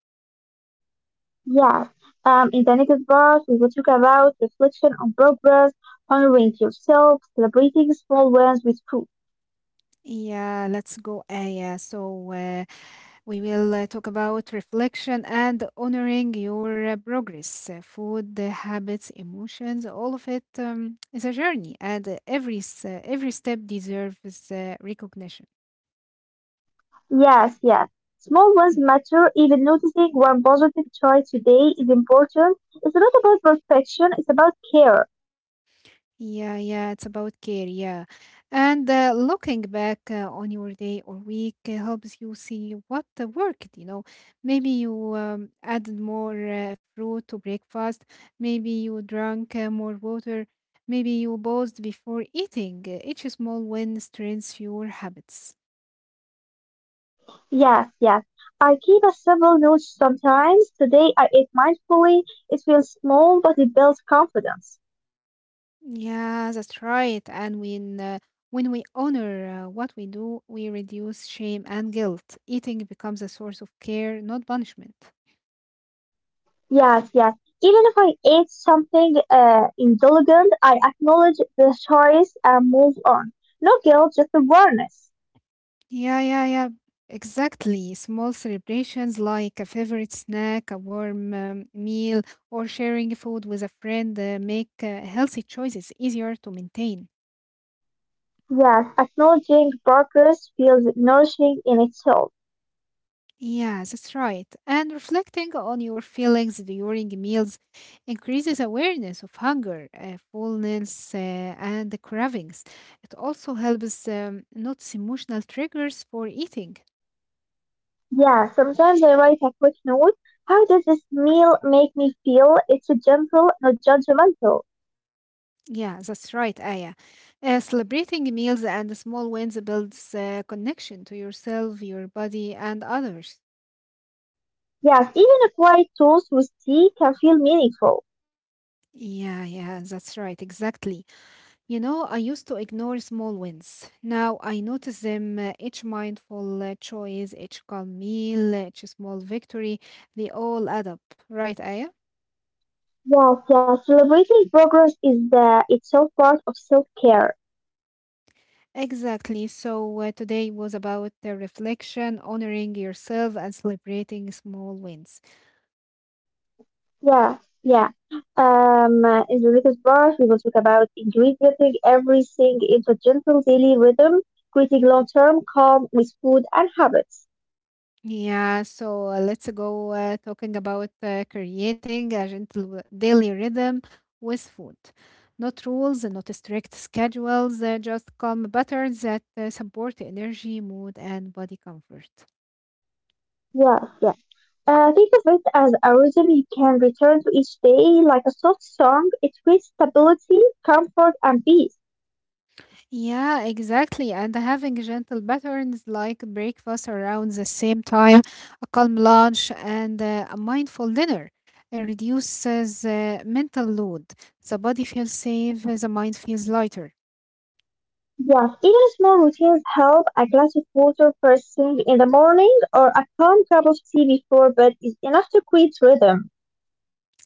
[SPEAKER 2] Yes, in the next part, we will talk about reflection on progress, honoring yourself, celebrating small wins with proof.
[SPEAKER 1] Yeah, let's go. Yeah, so we will talk about reflection and honoring your progress, food, habits, emotions. All of it is a journey, and every step deserves recognition.
[SPEAKER 2] Yes, yes. Small wins matter. Even noticing one positive choice today is important. It's not about perfection, it's about care.
[SPEAKER 1] Yeah, yeah, it's about care, yeah. And looking back on your day or week helps you see what worked. Maybe you added more fruit to breakfast, maybe you drank more water, maybe you paused before eating. Each small win strengthens your habits.
[SPEAKER 2] Yes, yes. I keep a simple note sometimes. Today I ate mindfully. It feels small, but it builds confidence.
[SPEAKER 1] Yeah, that's right. And when we honor what we do, we reduce shame and guilt. Eating becomes a source of care, not punishment.
[SPEAKER 2] Yes, yes. Even if I ate something indulgent, I acknowledge the choice and move on. No guilt, just awareness.
[SPEAKER 1] Yeah, yeah, yeah. Exactly. Small celebrations like a favorite snack, a warm meal, or sharing food with a friend make healthy choices easier to maintain.
[SPEAKER 2] Yes, acknowledging progress feels nourishing in itself.
[SPEAKER 1] Yeah, that's right. And reflecting on your feelings during meals increases awareness of hunger, fullness, and the cravings. It also helps notice emotional triggers for eating.
[SPEAKER 2] Yeah, sometimes I write a quick note. How does this meal make me feel? It's a gentle, not judgmental.
[SPEAKER 1] Yeah, that's right, Aya. Celebrating meals and small wins builds connection to yourself, your body, and others.
[SPEAKER 2] Yes, even a quiet toast with tea can feel meaningful.
[SPEAKER 1] Yeah, yeah, that's right, exactly. I used to ignore small wins. Now I notice them each mindful choice, each calm meal, each small victory. They all add up, right, Aya?
[SPEAKER 2] Yes, yes, celebrating progress is the itself part of self-care.
[SPEAKER 1] Exactly. So today was about the reflection, honoring yourself, and celebrating small wins.
[SPEAKER 2] Yeah, yeah. In the next part, we will talk about integrating everything into gentle daily rhythm, creating long-term calm with food and habits.
[SPEAKER 1] Yeah, so let's go talking about creating a gentle daily rhythm with food. Not rules, not strict schedules, just calm patterns that support energy, mood, and body comfort.
[SPEAKER 2] Yeah, yeah. Think of it as a rhythm you can return to each day, like a soft song. It creates stability, comfort, and peace.
[SPEAKER 1] Yeah, exactly. And having gentle patterns like breakfast around the same time, a calm lunch, and a mindful dinner. It reduces mental load. The body feels safe, the mind feels lighter.
[SPEAKER 2] Yeah, even small routines help. A glass of water first thing in the morning or a calm cup of tea before bed is enough to create rhythm.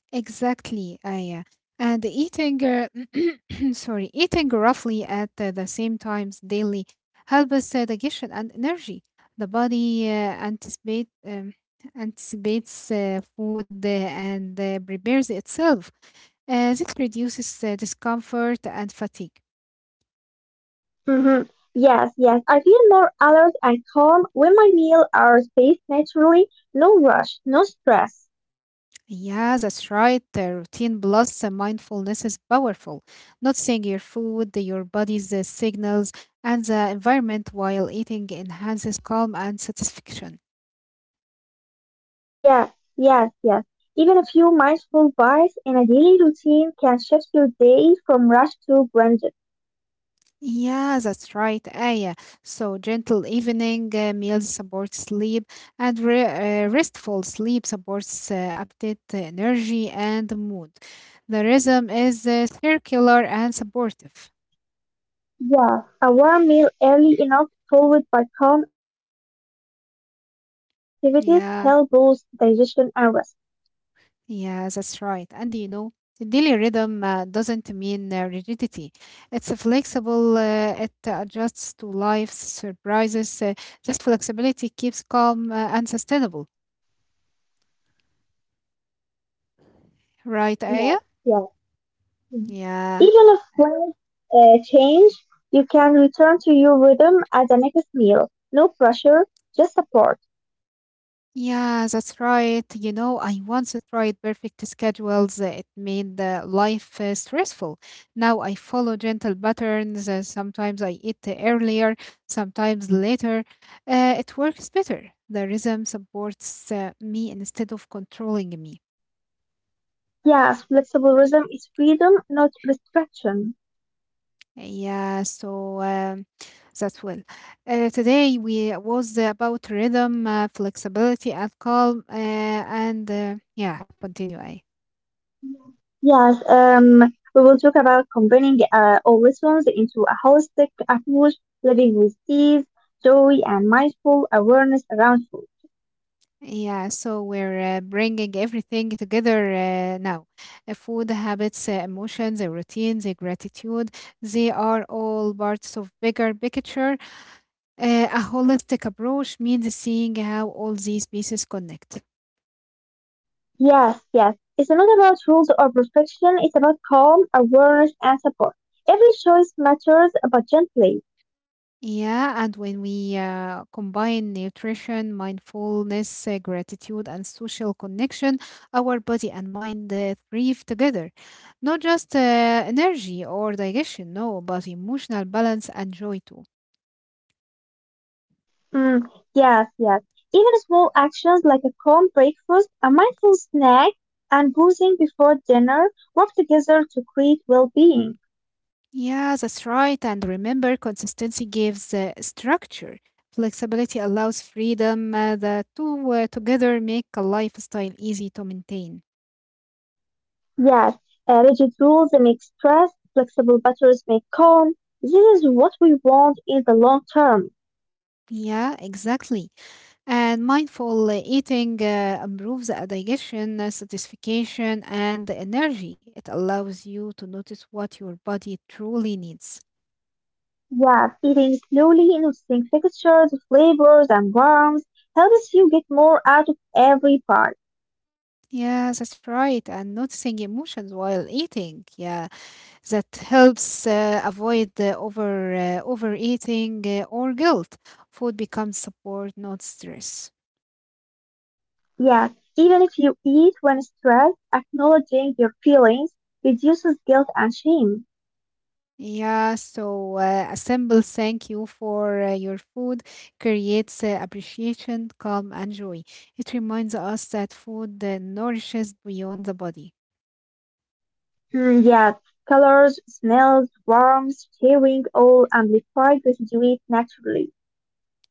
[SPEAKER 1] Exactly, Aya. And sorry, eating roughly at the same times daily helps digestion and energy. The anticipate, um, anticipates food and prepares itself. This reduces discomfort and fatigue.
[SPEAKER 2] Mhm. Yes, yes. I feel more alert and calm when my meal are spaced naturally. No rush, no stress.
[SPEAKER 1] Yeah, that's right. The routine plus mindfulness is powerful. Noticing your food, your body's signals, and the environment while eating enhances calm and satisfaction.
[SPEAKER 2] Yes, yes, yes. Even a few mindful bites in a daily routine can shift your day from rush to grounded.
[SPEAKER 1] Yeah, that's right, Aya. So, gentle evening meals support sleep, and restful sleep supports appetite, energy, and mood. The rhythm is circular and supportive.
[SPEAKER 2] Yeah, a warm meal early enough, followed by calm evening activities, help boost digestion and
[SPEAKER 1] Yeah.
[SPEAKER 2] rest.
[SPEAKER 1] Yeah, that's right. And you know, the daily rhythm doesn't mean rigidity. It's a flexible, it adjusts to life's surprises. This flexibility keeps calm and sustainable. Right, Aya?
[SPEAKER 2] Yes, yes. Mm.
[SPEAKER 1] Yeah.
[SPEAKER 2] Even if plans change, you can return to your rhythm at the next meal. No pressure, just support.
[SPEAKER 1] Yeah, that's right. You know, I once tried perfect schedules. It made life stressful. Now I follow gentle patterns. Sometimes I eat earlier, sometimes later. It works better. The rhythm supports me instead of controlling me.
[SPEAKER 2] Yes, flexible rhythm is freedom, not restriction.
[SPEAKER 1] Yeah, so that's well. Today we was about rhythm, flexibility, and calm. And Yeah, continue.
[SPEAKER 2] Yes, we will talk about combining all rhythms into a holistic approach, living with ease, joy, and mindful awareness around food.
[SPEAKER 1] Yeah, so we're bringing everything together now. Food habits, emotions, routines, gratitude, they are all parts of bigger picture. A holistic approach means seeing how all these pieces connect.
[SPEAKER 2] Yes, yes. It's not about rules or perfection. It's about calm, awareness, and support. Every choice matters, but gently.
[SPEAKER 1] Yeah, and when we combine nutrition, mindfulness, gratitude, and social connection, our body and mind thrive together. Not just energy or digestion, no, but emotional balance and joy too.
[SPEAKER 2] Mm, yes, yes. Even small actions like a calm breakfast, a mindful snack, and boozing before dinner work together to create well-being.
[SPEAKER 1] Yeah, that's right. And remember, consistency gives structure. Flexibility allows freedom. The two together make a lifestyle easy to maintain.
[SPEAKER 2] Yes, rigid rules make stress, flexible butters make calm. This is what we want in the long term.
[SPEAKER 1] Yeah, exactly. And mindful eating improves digestion, satisfaction, and energy. It allows you to notice what your body truly needs.
[SPEAKER 2] Yes, eating slowly, noticing textures, flavors, and warmth helps you get more out of every bite.
[SPEAKER 1] Yeah, that's right. And noticing emotions while eating. Yeah, that helps avoid overeating or guilt. Food becomes support, not stress.
[SPEAKER 2] Yes, even if you eat when stressed, acknowledging your feelings reduces guilt and shame.
[SPEAKER 1] Yeah, so a simple thank you for your food creates appreciation, calm, and joy. It reminds us that food nourishes beyond the body.
[SPEAKER 2] Mm, yet, colors, smells, warmth, sharing all amplify gratitude naturally.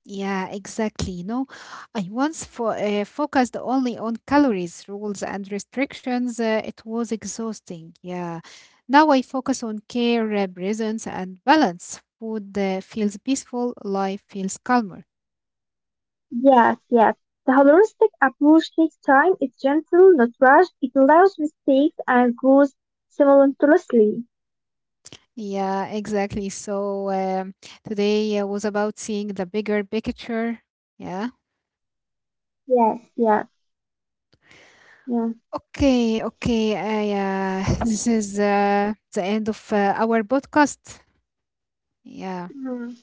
[SPEAKER 1] Yeah, exactly. You know, I once fo focused only on calories, rules, and restrictions. It was exhausting. Yeah. Now I focus on care, presence, and balance. Food feels peaceful, life feels calmer.
[SPEAKER 2] Yes, yes. The holistic approach takes time, it's gentle, not rushed, it allows mistakes and grows simultaneously.
[SPEAKER 1] Yeah, exactly. So today was about seeing the bigger picture. Yeah.
[SPEAKER 2] Yes, yes, yes.
[SPEAKER 1] Okay. Okay. This is the end of our podcast. Yeah.
[SPEAKER 2] Mm,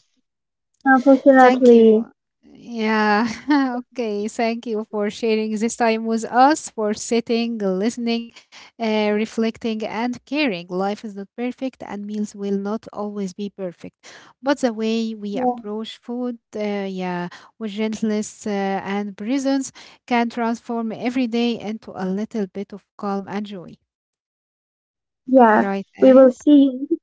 [SPEAKER 1] Thank
[SPEAKER 2] unfortunately,
[SPEAKER 1] you. Yeah. Okay. Thank you for sharing this time with us, for sitting, listening, reflecting, and caring. Life is not perfect, and meals will not always be perfect. But the way we
[SPEAKER 2] yes,
[SPEAKER 1] approach food, yeah, with gentleness and presence, can transform every day into a little bit of calm and joy.
[SPEAKER 2] yes.
[SPEAKER 1] Right,
[SPEAKER 2] We
[SPEAKER 1] Aya?
[SPEAKER 2] will see you,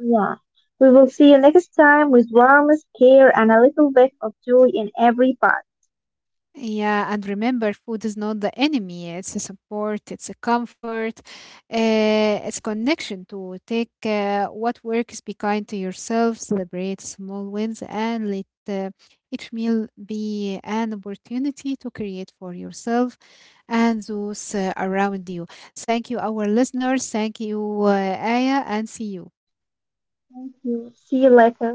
[SPEAKER 2] Sonia. We will see you next time with warmth, care, and a little bit of joy in every part.
[SPEAKER 1] Yeah, and remember, food is not the enemy. It's a support, it's a comfort, it's connection to take what works, be kind to yourself, celebrate small wins, and let each meal be an opportunity to create for yourself and those around you. Thank you, our listeners. Thank you, Aya, and see you.
[SPEAKER 2] Thank you. See you later.